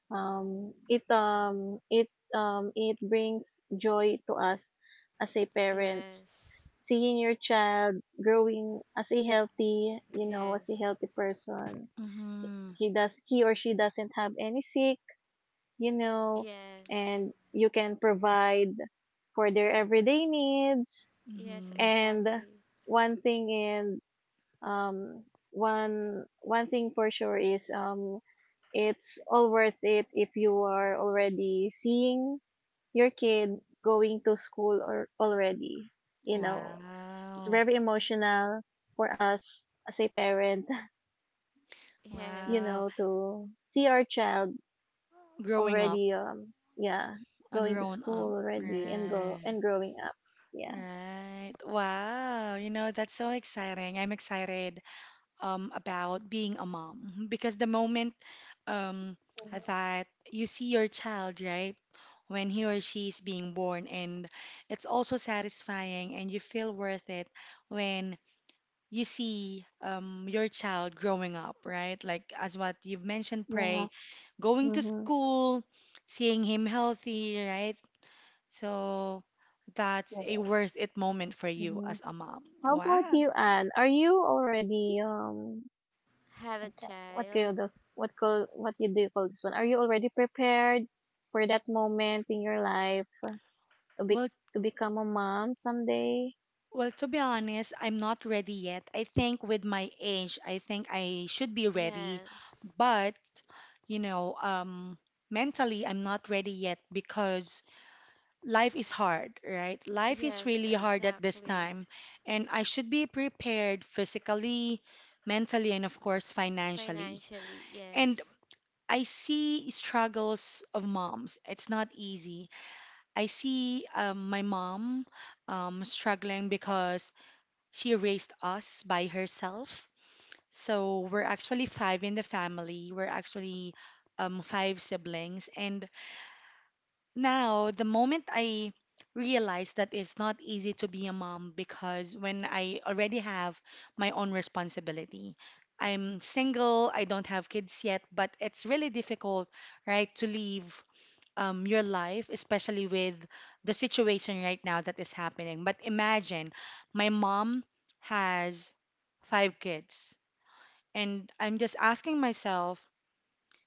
[SPEAKER 3] It brings joy to us as a parents.
[SPEAKER 2] Yes.
[SPEAKER 3] Seeing your child growing as a healthy, you know, as a
[SPEAKER 2] Yes.
[SPEAKER 3] healthy person.
[SPEAKER 1] Mm-hmm.
[SPEAKER 3] He or she doesn't have any sick, you know,
[SPEAKER 2] Yes.
[SPEAKER 3] and you can provide for their everyday needs.
[SPEAKER 2] Yes,
[SPEAKER 1] Mm-hmm.
[SPEAKER 3] And
[SPEAKER 2] exactly.
[SPEAKER 3] one thing in, um, one thing for sure is, it's all worth it if you are already seeing your kid going to school or already. you know it's
[SPEAKER 1] Wow.
[SPEAKER 3] very emotional for us as a parent. <laughs>
[SPEAKER 1] Wow.
[SPEAKER 2] Yes.
[SPEAKER 3] To see our child
[SPEAKER 1] Growing up,
[SPEAKER 3] already,
[SPEAKER 1] a
[SPEAKER 3] going to
[SPEAKER 1] grown up.
[SPEAKER 3] school already, and go
[SPEAKER 1] Right.
[SPEAKER 3] and growing up, yeah.
[SPEAKER 1] Right. Wow. You know, that's so exciting. I'm excited about being a mom because the moment um,
[SPEAKER 3] Mhm.
[SPEAKER 1] that you see your child, right? When he or she is being born, and it's also satisfying, and you feel worth it when you see your child growing up, right? Like, as what you've mentioned,
[SPEAKER 3] Yeah.
[SPEAKER 1] pray, going to
[SPEAKER 3] Mhm.
[SPEAKER 1] school, seeing him healthy, right? So that's a
[SPEAKER 3] Correct.
[SPEAKER 1] worth it moment for you
[SPEAKER 3] Mhm.
[SPEAKER 1] as a mom.
[SPEAKER 3] How
[SPEAKER 1] Wow.
[SPEAKER 3] about you, Anne? Are you already,
[SPEAKER 2] Have a
[SPEAKER 3] okay? What
[SPEAKER 2] child.
[SPEAKER 3] call this? What call? What you do you call this one? Are you already prepared for that moment in your life, to be
[SPEAKER 1] Well,
[SPEAKER 3] to become a mom someday?
[SPEAKER 1] Well, to be honest, I'm not ready yet. I think with my age, I think I should be ready,
[SPEAKER 2] Yes.
[SPEAKER 1] but you know, mentally, I'm not ready yet because life is hard, right? Life is
[SPEAKER 2] Yes,
[SPEAKER 1] really hard at this
[SPEAKER 2] exactly.
[SPEAKER 1] time, and I should be prepared physically, mentally, and of course, financially.
[SPEAKER 2] Financially,
[SPEAKER 1] And
[SPEAKER 2] yes.
[SPEAKER 1] I see struggles of moms. It's not easy. I see my mom struggling because she raised us by herself. So we're actually five in the family. We're actually five siblings. And now, the moment I realized that it's not easy to be a mom because when I already have my own responsibility, I'm single, I don't have kids yet, but it's really difficult, right, to leave your life, especially with the situation right now that is happening. But imagine my mom has five kids, and I'm just asking myself,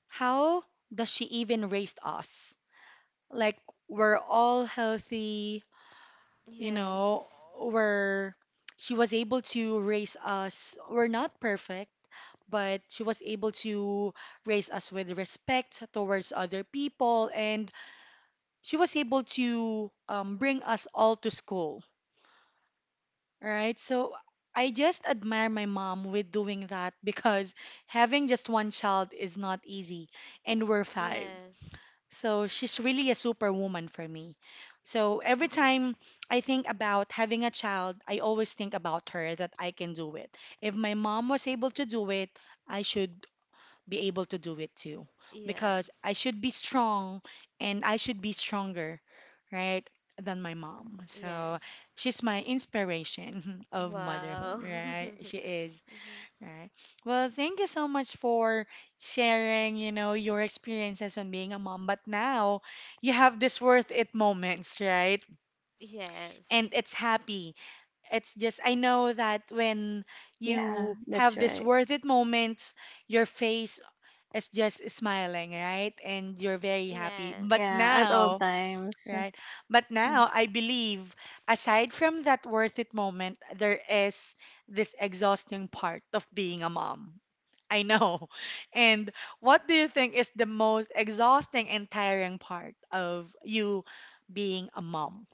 [SPEAKER 1] how does she even raise us? Like, we're all healthy, you know,
[SPEAKER 2] Yes.
[SPEAKER 1] we're, she was able to raise us. We're not perfect, but she was able to raise us with respect towards other people and she was able to bring us all to school, right? So I just admire my mom with doing that <laughs> because having just one child is not easy, and we're five.
[SPEAKER 2] Yes.
[SPEAKER 1] So she's really a superwoman for me. So every time
[SPEAKER 2] <laughs>
[SPEAKER 1] I think about having a child, I always think about her that I can do it. If my mom was able to do it, I should be able to do it too because I
[SPEAKER 2] Yes.
[SPEAKER 1] should be strong and I should be stronger, right, than my mom. So
[SPEAKER 2] Yes.
[SPEAKER 1] she's my inspiration <laughs> of motherhood,
[SPEAKER 2] Wow.
[SPEAKER 1] right?
[SPEAKER 2] <laughs>
[SPEAKER 1] She is,
[SPEAKER 2] Mhm.
[SPEAKER 1] right? Well, thank you so much for sharing, you know, your experiences on being a mom. But now you have this worth it moments, right?
[SPEAKER 2] Yes.
[SPEAKER 1] And it's happy. It's just, I know that when
[SPEAKER 3] Yeah,
[SPEAKER 1] you
[SPEAKER 3] that's
[SPEAKER 1] have this
[SPEAKER 3] right.
[SPEAKER 1] worth it moments, your face is just smiling, right? And you're very happy. But
[SPEAKER 2] Yes.
[SPEAKER 3] Yeah, at all
[SPEAKER 1] now,
[SPEAKER 3] times.
[SPEAKER 1] right? But
[SPEAKER 3] Mm.
[SPEAKER 1] now I believe aside from that worth it moment, there is this exhausting part of being a mom. I know. <laughs> And what do you think is the most exhausting and tiring part of you being a mom?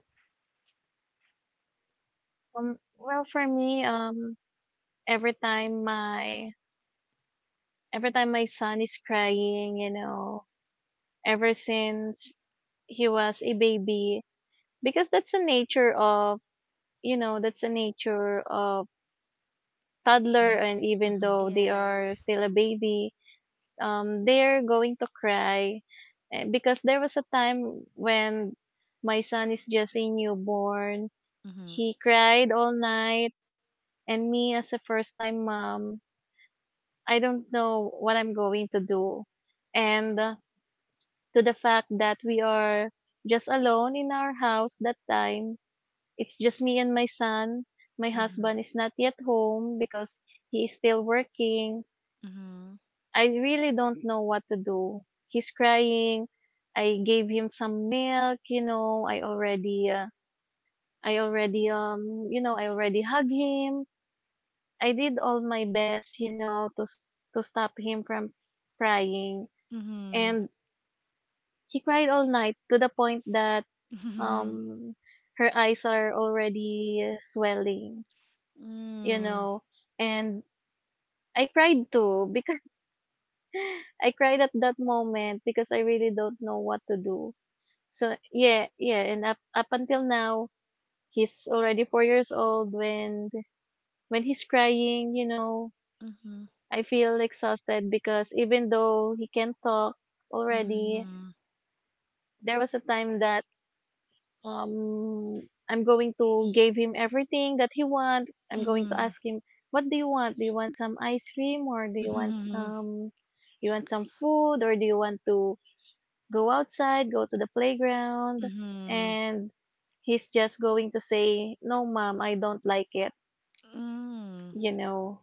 [SPEAKER 3] Well, for me, every time my every time my son is crying, ever since he was a baby, because that's the nature of toddler, and even
[SPEAKER 1] Mm-hmm,
[SPEAKER 3] though they are
[SPEAKER 2] Yes.
[SPEAKER 3] still a baby, they're going to cry. Because there was a time when my son is just a newborn,
[SPEAKER 1] mm-hmm,
[SPEAKER 3] he cried all night, and me as a first time mom, I don't know what I'm going to do, and to the fact that we are just alone in our house that time. It's just me and my son. My
[SPEAKER 1] mm-hmm,
[SPEAKER 3] husband is not yet home because he is still working. I really don't know what to do. He's crying. I gave him some milk. I already hugged him. I did all my best, to stop him from crying,
[SPEAKER 1] mm-hmm,
[SPEAKER 3] and he cried all night to the point that,
[SPEAKER 1] mm-hmm, mm-hmm,
[SPEAKER 3] um, her eyes are already swelling. you know, and I cried too because <laughs> I cried at that moment because I really don't know what to do. So yeah, yeah, and up until now, he's already 4 years old. When he's crying,
[SPEAKER 1] <laughs> mm-hmm, mm-hmm,
[SPEAKER 3] I feel exhausted because even though he can talk already,
[SPEAKER 1] mm-hmm,
[SPEAKER 3] there was a time that I'm going to give him everything that he want. I'm going to
[SPEAKER 1] mm-hmm,
[SPEAKER 3] ask him, what do you want? Do you want some ice cream, or do
[SPEAKER 1] mhm,
[SPEAKER 3] you want some food, or do you want to go outside, go to the playground?
[SPEAKER 1] mhm,
[SPEAKER 3] And he's just going to say, "No, Mom, I don't like it."
[SPEAKER 1] mm.
[SPEAKER 3] you know.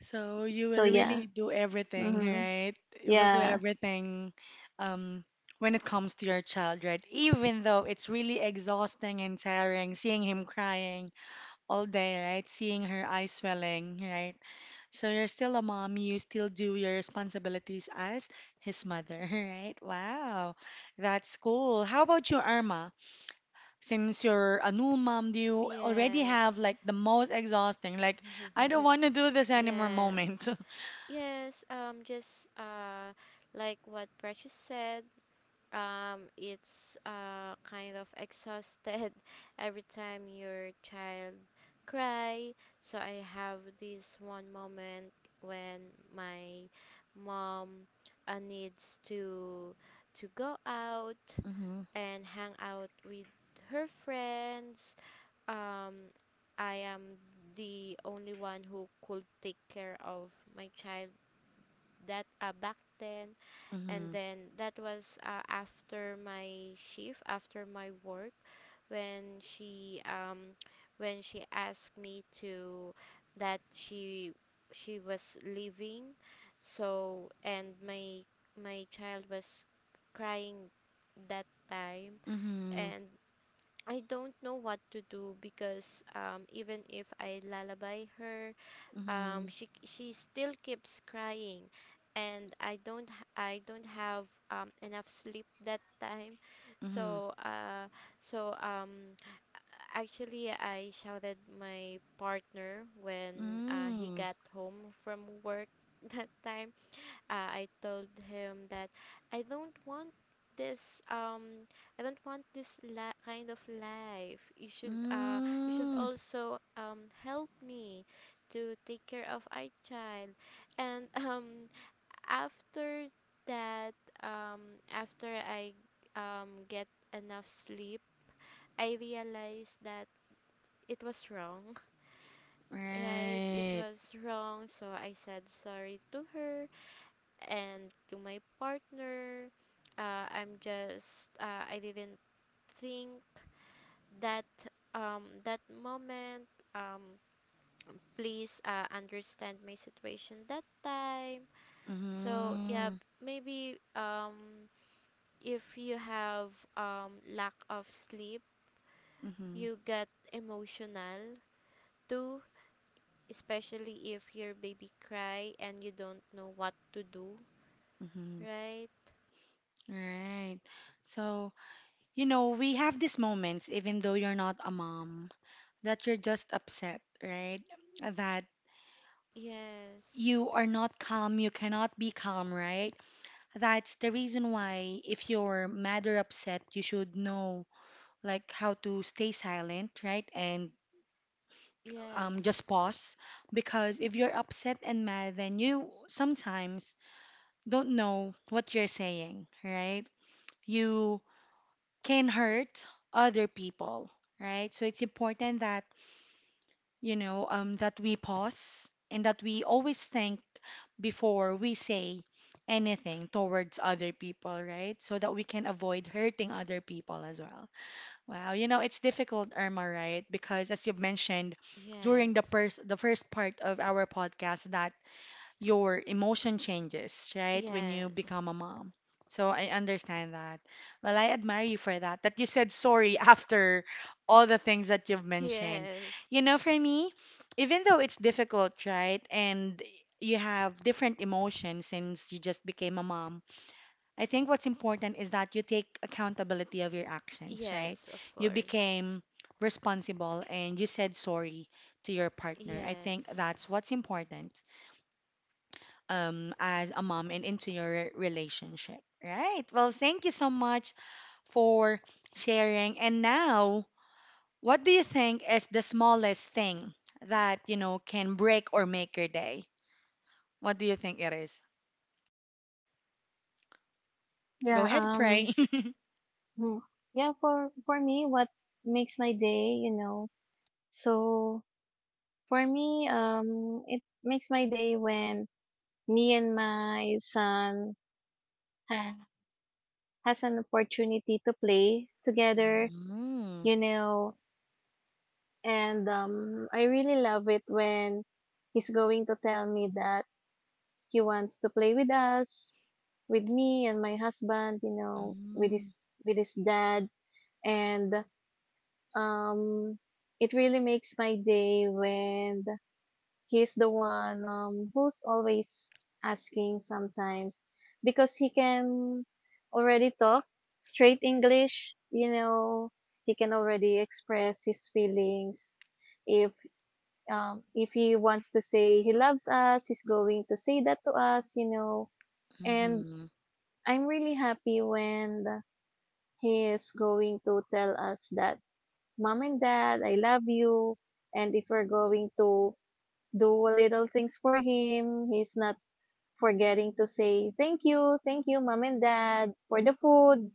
[SPEAKER 1] So you
[SPEAKER 3] So
[SPEAKER 1] will
[SPEAKER 3] yeah.
[SPEAKER 1] really do everything,
[SPEAKER 3] Mhm.
[SPEAKER 1] right? You will do
[SPEAKER 3] Yeah.
[SPEAKER 1] everything um, when it comes to your child, right? Even though it's really exhausting and tiring seeing him crying all day, right? Seeing her eyes swelling, right? So you're still a mom, you still do your responsibilities as his mother, <laughs> right? Wow, that's cool. How about you, Irma? Since you're a new mom, do you already have
[SPEAKER 2] Yes.
[SPEAKER 1] like the most exhausting, like
[SPEAKER 2] <laughs>
[SPEAKER 1] I don't want to do this anymore
[SPEAKER 2] Yes.
[SPEAKER 1] moment? <laughs>
[SPEAKER 2] Yes. Just Like what Precious said, it's kind of exhausted <laughs> every time your child cry. So I have this one moment, when my mom needs to go out
[SPEAKER 1] Mm-hmm.
[SPEAKER 2] and hang out with her friends. um I am the only one who could take care of my child that, back then. And
[SPEAKER 1] Mm-hmm.
[SPEAKER 2] then that was, after my shift, after my work, when she asked me to, that she was leaving. So, and my child was crying that time,
[SPEAKER 1] Mm-hmm.
[SPEAKER 2] and I don't know what to do, because even if I lullaby her, she still keeps crying, and I don't have enough sleep that time.
[SPEAKER 1] Mm-hmm. Mm-hmm.
[SPEAKER 2] So so um actually I shouted my partner when he
[SPEAKER 1] Mm.
[SPEAKER 2] got home from work <laughs> that time. I told him that I don't want this I don't want this kind of life. You should, you should
[SPEAKER 1] Mm.
[SPEAKER 2] also help me to take care of our child. And <laughs> after that, after I get enough sleep, I realized that it was wrong, <laughs> right? It
[SPEAKER 1] Right.
[SPEAKER 2] was wrong, so I said sorry to her and to my partner. I didn't think that that moment. Um, please, understand my situation that time. So yeah,
[SPEAKER 1] Mm-hmm.
[SPEAKER 2] maybe, if you have, lack of sleep,
[SPEAKER 1] Mm-hmm.
[SPEAKER 2] you get emotional too. Especially if your baby cry and you don't know what to do,
[SPEAKER 1] Mm-hmm.
[SPEAKER 2] right?
[SPEAKER 1] Right. So, you know, we have these moments, even though you're not a mom, that you're just upset, right? That
[SPEAKER 2] Yes,
[SPEAKER 1] you are not calm, you cannot be calm, right? That's the reason why if you're mad or upset, you should know like how to stay silent, right? And
[SPEAKER 2] yes.
[SPEAKER 1] just pause because if you're upset and mad, then you sometimes don't know what you're saying, right? You can hurt other people, right? So it's important that you know, that we pause and that we always think before we say anything towards other people, right? So that we can avoid hurting other people as well. Wow, you know, it's difficult, Irma, right? Because as you've mentioned during the
[SPEAKER 2] Yes.
[SPEAKER 1] first the first part of our podcast that your emotion changes, right? When you
[SPEAKER 2] Yes.
[SPEAKER 1] become a mom. So I understand that. Well, I admire you for that, that you said sorry <laughs> after all the things that you've mentioned.
[SPEAKER 2] Yes.
[SPEAKER 1] You know, for me, even though it's difficult, right? And you have different emotions since you just became a mom. I think what's important is that you take accountability of your actions, right?
[SPEAKER 2] Yes, of
[SPEAKER 1] You
[SPEAKER 2] course.
[SPEAKER 1] became responsible and you said sorry to your partner. I think
[SPEAKER 2] Yes.
[SPEAKER 1] that's what's important as a mom and into your relationship, right? Well, thank you so much for sharing. And now, what do you think is the smallest thing that, you know, can break or make your day? What do you think it is? Go
[SPEAKER 3] Yeah,
[SPEAKER 1] ahead, pray. <laughs>
[SPEAKER 3] hmm. Yeah, for me, what makes my day. So for me, it makes my day when me and my son ha- has an opportunity to play together.
[SPEAKER 1] Mm,
[SPEAKER 3] you know, And, I really love it when he's going to tell me that he wants to play with us, with me and my husband, with his
[SPEAKER 1] mm,
[SPEAKER 3] with his dad. And, um, it really makes my day when he's the one, who's always asking sometimes, because he can already talk straight English. He can already express his feelings. If um, if he wants to say he loves us, he's going to say that to us. And
[SPEAKER 1] mhm,
[SPEAKER 3] I'm really happy when he is going to tell us that, "Mom and Dad, I love you." And if we're going to do little things for him, he's not forgetting to say, "Thank you, thank you, Mom and Dad, for the food,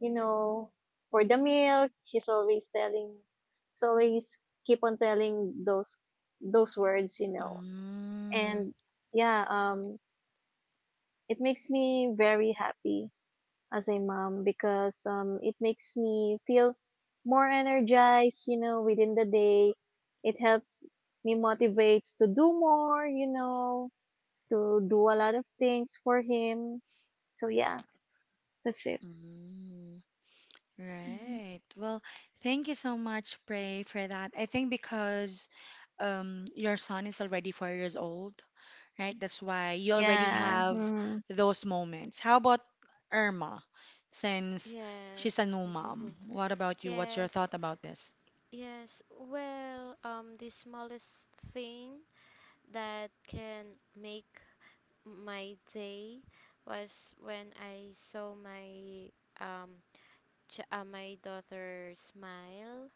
[SPEAKER 3] you know, for the milk." He's always keep on telling those words.
[SPEAKER 1] mm,
[SPEAKER 3] And yeah, it makes me very happy as a mom because it makes me feel more energized, within the day. It helps me, motivates to do more, to do a lot of things for him. So yeah, that's it.
[SPEAKER 1] mm.
[SPEAKER 3] Hmm.
[SPEAKER 1] Right. Well, thank you so much, Pray, for that. I think because your son is already 4 years old, right? That's why you already
[SPEAKER 3] Yeah.
[SPEAKER 1] have
[SPEAKER 3] Mhm.
[SPEAKER 1] those moments. How about Irma, since she's a
[SPEAKER 2] Yes.
[SPEAKER 1] new
[SPEAKER 2] <laughs>
[SPEAKER 1] mom? What about you? What's your
[SPEAKER 2] Yes.
[SPEAKER 1] thought about this?
[SPEAKER 2] Yes. Well, the smallest thing that can make my day was when I saw my um my daughter smile.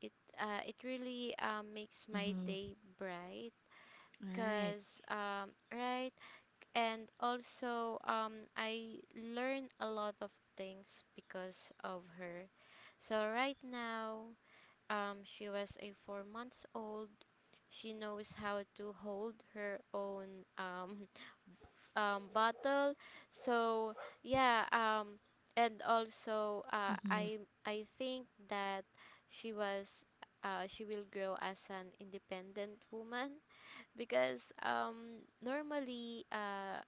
[SPEAKER 2] It it really makes my
[SPEAKER 1] Mm-hmm.
[SPEAKER 2] day bright,
[SPEAKER 1] Right.
[SPEAKER 2] cuz right. And also, I learned a lot of things because of her. So right now, she was a 4 months old. She knows how to hold her own, <laughs> bottle. So yeah, and also
[SPEAKER 1] Mm-hmm.
[SPEAKER 2] I think that she was, she will grow as an independent woman, because normally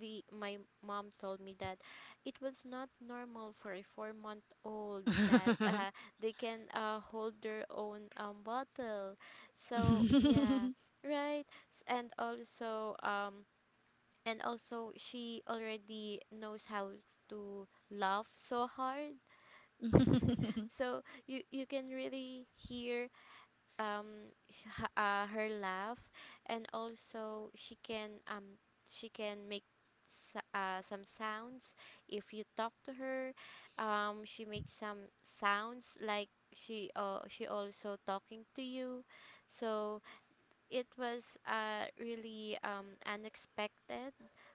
[SPEAKER 2] the my mom told me that it was not normal for a 4 month old that <laughs> they can hold their own, bottle. So yeah,
[SPEAKER 1] <laughs>
[SPEAKER 2] right. And also, she already knows how to laugh so hard. <laughs> So you can really hear um h- her laugh. And also she can, she can make, some sounds. If you talk to her, she makes some sounds, like she, she also talking to you. So it was really unexpected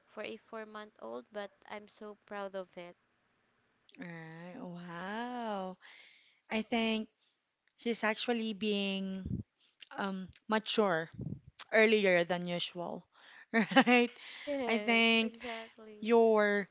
[SPEAKER 2] for a 4 month old, but I'm so proud of it.
[SPEAKER 1] Right. Wow. I think she's actually being mature earlier than usual, <laughs> right?
[SPEAKER 2] <laughs>
[SPEAKER 1] I
[SPEAKER 2] Yes,
[SPEAKER 1] think
[SPEAKER 2] exactly.
[SPEAKER 1] your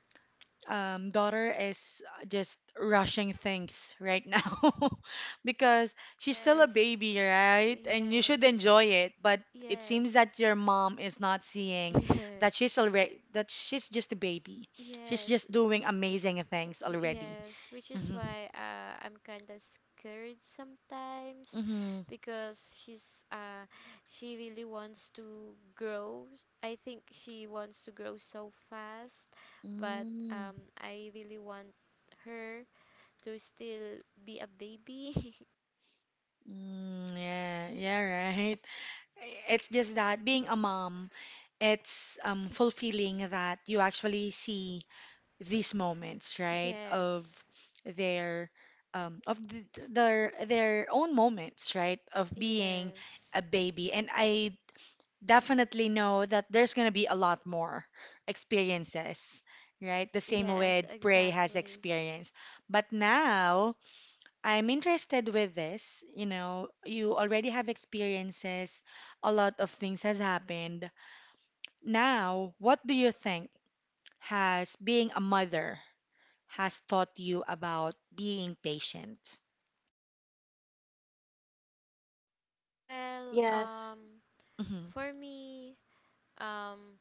[SPEAKER 1] daughter is just rushing things right now <laughs> because she's still a
[SPEAKER 2] Yes.
[SPEAKER 1] baby, right? And you should
[SPEAKER 2] Yes.
[SPEAKER 1] enjoy it, but it
[SPEAKER 2] Yes.
[SPEAKER 1] seems that your mom is not
[SPEAKER 2] <laughs>
[SPEAKER 1] seeing
[SPEAKER 2] Yes.
[SPEAKER 1] that she's already that she's just a baby. She's
[SPEAKER 2] Yes,
[SPEAKER 1] just doing amazing things already.
[SPEAKER 2] yes, which is
[SPEAKER 1] Mhm.
[SPEAKER 2] why I'm kind of scared sometimes,
[SPEAKER 1] Mhm.
[SPEAKER 2] because she really wants to grow. I think she wants to grow so fast, but
[SPEAKER 1] Mm,
[SPEAKER 2] I really want her to still be a baby. <laughs>
[SPEAKER 1] mm, yeah, yeah, right. It's just that being a mom, it's fulfilling that you actually see these moments, right? Of
[SPEAKER 2] Yes.
[SPEAKER 1] their their own moments, right? Of being
[SPEAKER 2] Yes.
[SPEAKER 1] a baby. And I definitely know that there's gonna be a lot more experiences, right? The same
[SPEAKER 2] Yes,
[SPEAKER 1] way Prey has
[SPEAKER 2] exactly.
[SPEAKER 1] experienced. But now I'm interested with this. You know, you already have experiences, a lot of things has happened. Now, what do you think has being a mother has taught you about being patient?
[SPEAKER 2] Well,
[SPEAKER 3] Yes.
[SPEAKER 1] Hmm.
[SPEAKER 2] for me, um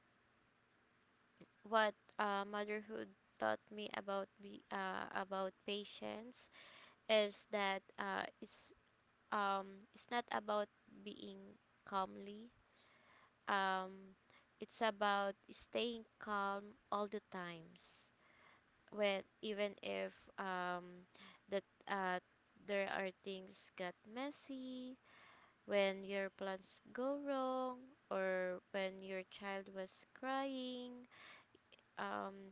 [SPEAKER 2] what motherhood taught me about about patience, is that it's not about being calmly, um it's about staying calm all the times, when, even if, um that there are things got messy, when your plans go wrong, or when your child was crying. um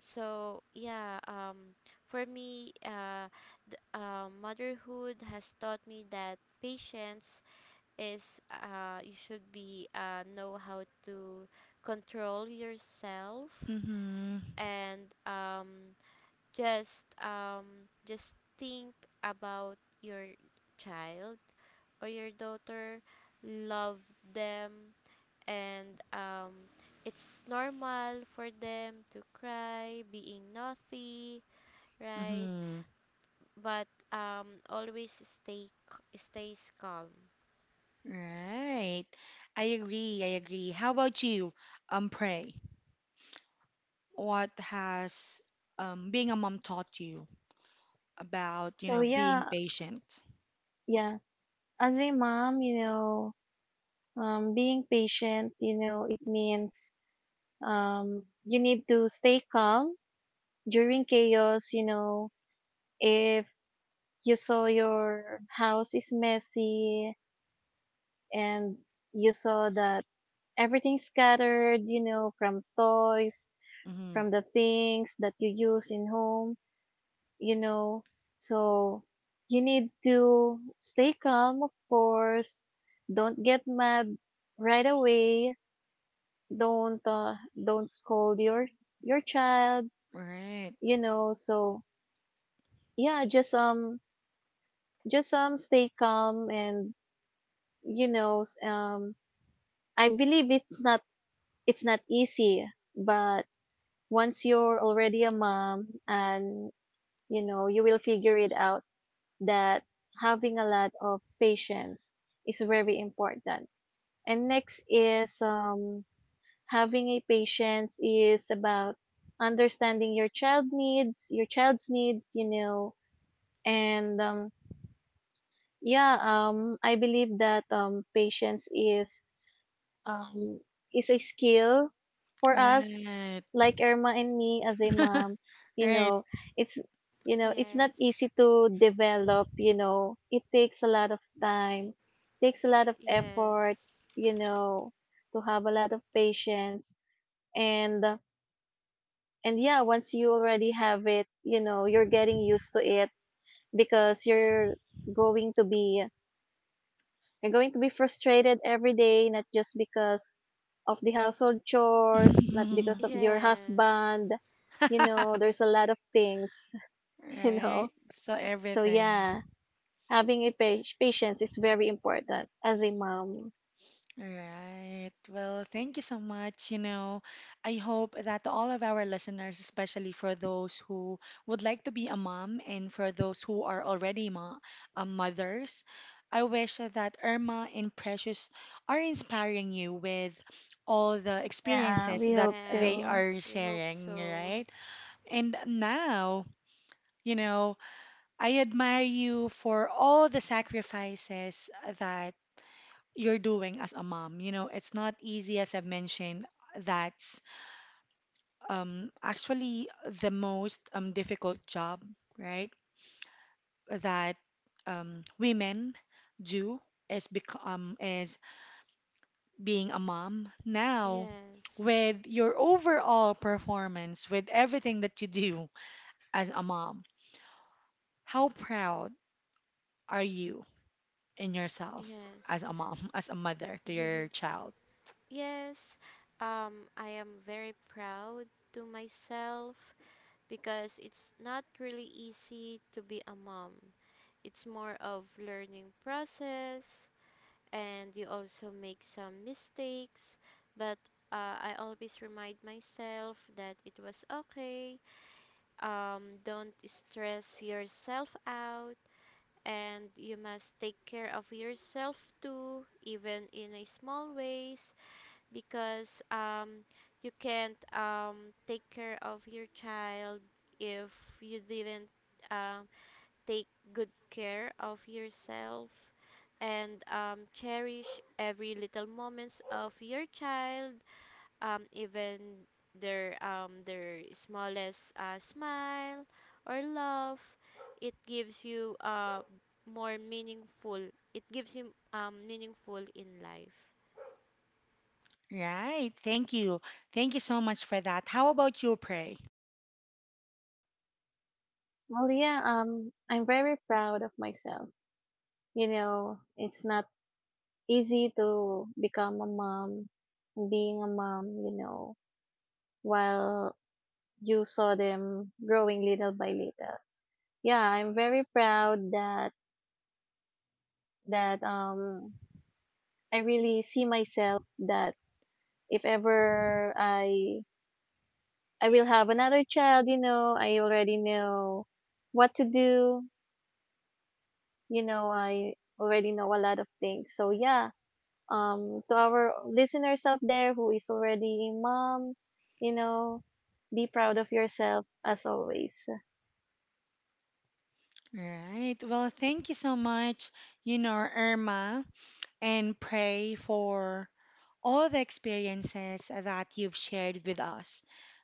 [SPEAKER 2] So yeah, for me, uh, motherhood has taught me that patience is, you should be know how to control yourself,
[SPEAKER 1] Mm-hmm.
[SPEAKER 2] and just think about your child or your daughter, love them, and it's normal for them to cry, being naughty, right?
[SPEAKER 1] Hmm.
[SPEAKER 2] But stays calm.
[SPEAKER 1] Right. I agree. I agree. How about you, Pray? What has being a mom taught you about, you
[SPEAKER 3] So
[SPEAKER 1] know, being
[SPEAKER 3] yeah,
[SPEAKER 1] patient?
[SPEAKER 3] yeah, as a mom, being patient, it means, you need to stay calm during chaos. If you saw your house is messy, and you saw that everything's scattered, from toys,
[SPEAKER 1] Mm-hmm.
[SPEAKER 3] from the things that you use in home, you know, so you need to stay calm, of course. Don't get mad right away. Don't scold your child.
[SPEAKER 1] Right.
[SPEAKER 3] So yeah, just stay calm, and you know s- um I believe it's not easy. But once you're already a mom and you will figure it out, that having a lot of patience is very important. And next is, having a patience is about understanding your child's needs. And, yeah, I believe that, patience um, is a skill for us,
[SPEAKER 1] Right.
[SPEAKER 3] like Irma and me as a mom. You
[SPEAKER 1] Right.
[SPEAKER 3] know, it's, it's not
[SPEAKER 2] Yes,
[SPEAKER 3] easy to develop. It takes a lot of time, takes a lot of effort.
[SPEAKER 2] yes,
[SPEAKER 3] You know, to have a lot of patience, and uh, and yeah, once you already have it, you're getting used to it, because going to be you're going to be frustrated every day, not just because of the household chores, not because
[SPEAKER 1] <laughs>
[SPEAKER 3] of your
[SPEAKER 2] yes,
[SPEAKER 3] husband. There's a lot of things. <laughs> you
[SPEAKER 1] Right.
[SPEAKER 3] know.
[SPEAKER 1] So
[SPEAKER 3] So
[SPEAKER 1] everything.
[SPEAKER 3] yeah, having a patience is very important as a mom.
[SPEAKER 1] All right. Well, thank you so much. You know, I hope that all of our listeners, especially for those who would like to be a mom and for those who are already ma mothers, I wish that Irma and Precious are inspiring you with all the
[SPEAKER 3] Yeah,
[SPEAKER 1] experiences
[SPEAKER 3] we
[SPEAKER 1] that
[SPEAKER 3] hope
[SPEAKER 1] they
[SPEAKER 3] so.
[SPEAKER 2] yes.
[SPEAKER 1] are
[SPEAKER 2] We hope
[SPEAKER 1] sharing,
[SPEAKER 2] so.
[SPEAKER 1] right? And now, you know, I admire you for all the sacrifices that you're doing as a mom. You know, it's not easy, as I've mentioned. That's actually the most difficult job, right? That women do is being a mom. Now,
[SPEAKER 2] Yes,
[SPEAKER 1] with your overall performance, with everything that you do as a mom, how proud are you in yourself as
[SPEAKER 2] yes,
[SPEAKER 1] a mom, <laughs> as a mother to your
[SPEAKER 2] <laughs>
[SPEAKER 1] child?
[SPEAKER 2] yes. I am very proud to myself, because it's not really easy to be a mom. It's more of learning process, and you also make some mistakes, but I always remind myself that it was okay, don't stress yourself out, and you must take care of yourself too, even in a small ways, because you can't, take care of your child if you didn't, uh, take good care of yourself. And cherish every little moments of your child, even their, their smallest smile or laugh. It gives you, more meaningful, it gives you, meaningful in life.
[SPEAKER 1] Right. Thank you. Thank you so much for that. How about you, Pray?
[SPEAKER 3] Well, yeah, I'm very proud of myself. It's not easy to become a mom, being a mom, while you saw them growing little by little. Yeah, I'm very proud that I really see myself that, if ever, I will have another child. I already know what to do, I already know a lot of things. So yeah, to our listeners out there who is already a mom, you know, be proud of yourself, as always.
[SPEAKER 1] Right. Well, thank you so much, you know, Irma and Pray for all the experiences that you've shared with us.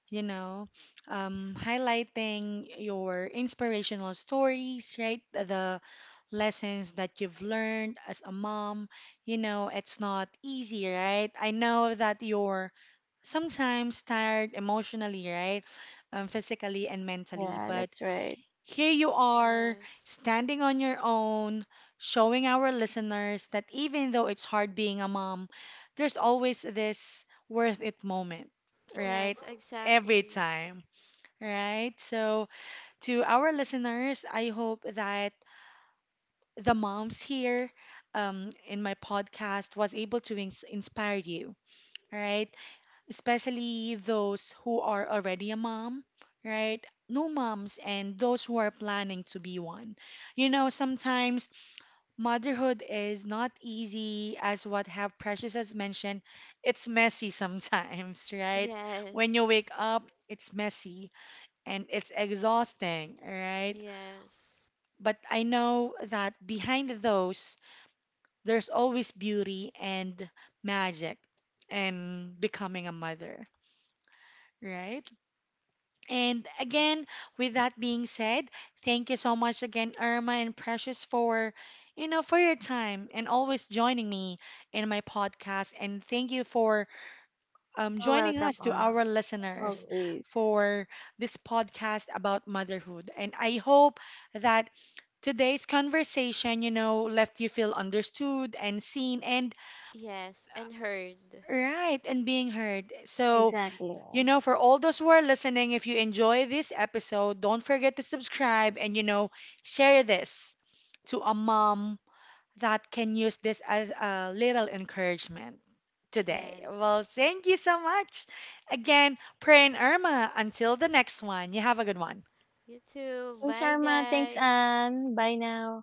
[SPEAKER 1] You know, highlighting your inspirational stories, right? The lessons that you've learned as a mom. You know, it's not easy, right? I know that your sometimes tired emotionally, right? Physically and mentally.
[SPEAKER 3] Yeah,
[SPEAKER 1] But
[SPEAKER 3] that's right.
[SPEAKER 1] here you are,
[SPEAKER 2] Yes,
[SPEAKER 1] standing on your own, showing our listeners that even though it's hard being a mom, there's always this worth it moment, right?
[SPEAKER 2] yes,
[SPEAKER 1] Every
[SPEAKER 2] exactly.
[SPEAKER 1] time, right? So, to our listeners, I hope that the moms here in my podcast was able to inspire you, right? Especially those who are already a mom, right? New moms and those who are planning to be one. You know, sometimes motherhood is not easy, as what have Precious has mentioned. It's messy sometimes, <laughs> right? When you
[SPEAKER 2] Yes,
[SPEAKER 1] wake up, it's messy and it's exhausting, right?
[SPEAKER 2] yes,
[SPEAKER 1] But I know that behind those, there's always beauty and magic in becoming a mother, right? And again, with that being said, thank you so much again, Irma and Precious, for your time and always joining me in my podcast. And thank you for
[SPEAKER 3] You're
[SPEAKER 1] joining
[SPEAKER 3] welcome,
[SPEAKER 1] us to
[SPEAKER 3] Mom.
[SPEAKER 1] our
[SPEAKER 3] As
[SPEAKER 1] listeners
[SPEAKER 3] always.
[SPEAKER 1] for this podcast about motherhood. And I hope that today's conversation, you know, left you feel understood and seen and
[SPEAKER 2] yes, and heard.
[SPEAKER 1] right and being heard. So
[SPEAKER 3] Exactly.
[SPEAKER 1] you know, for all those who are listening, if you enjoy this episode, don't forget to subscribe and, you know, share this to a mom that can use this as a little encouragement today. Well,
[SPEAKER 2] Yes.
[SPEAKER 1] thank you so much. Again, Pray and Irma, until the next one, you have a good one.
[SPEAKER 2] You too.
[SPEAKER 3] Thanks,
[SPEAKER 2] Bye,
[SPEAKER 3] Arma. Thanks,
[SPEAKER 2] guys.
[SPEAKER 3] Ann. Bye now.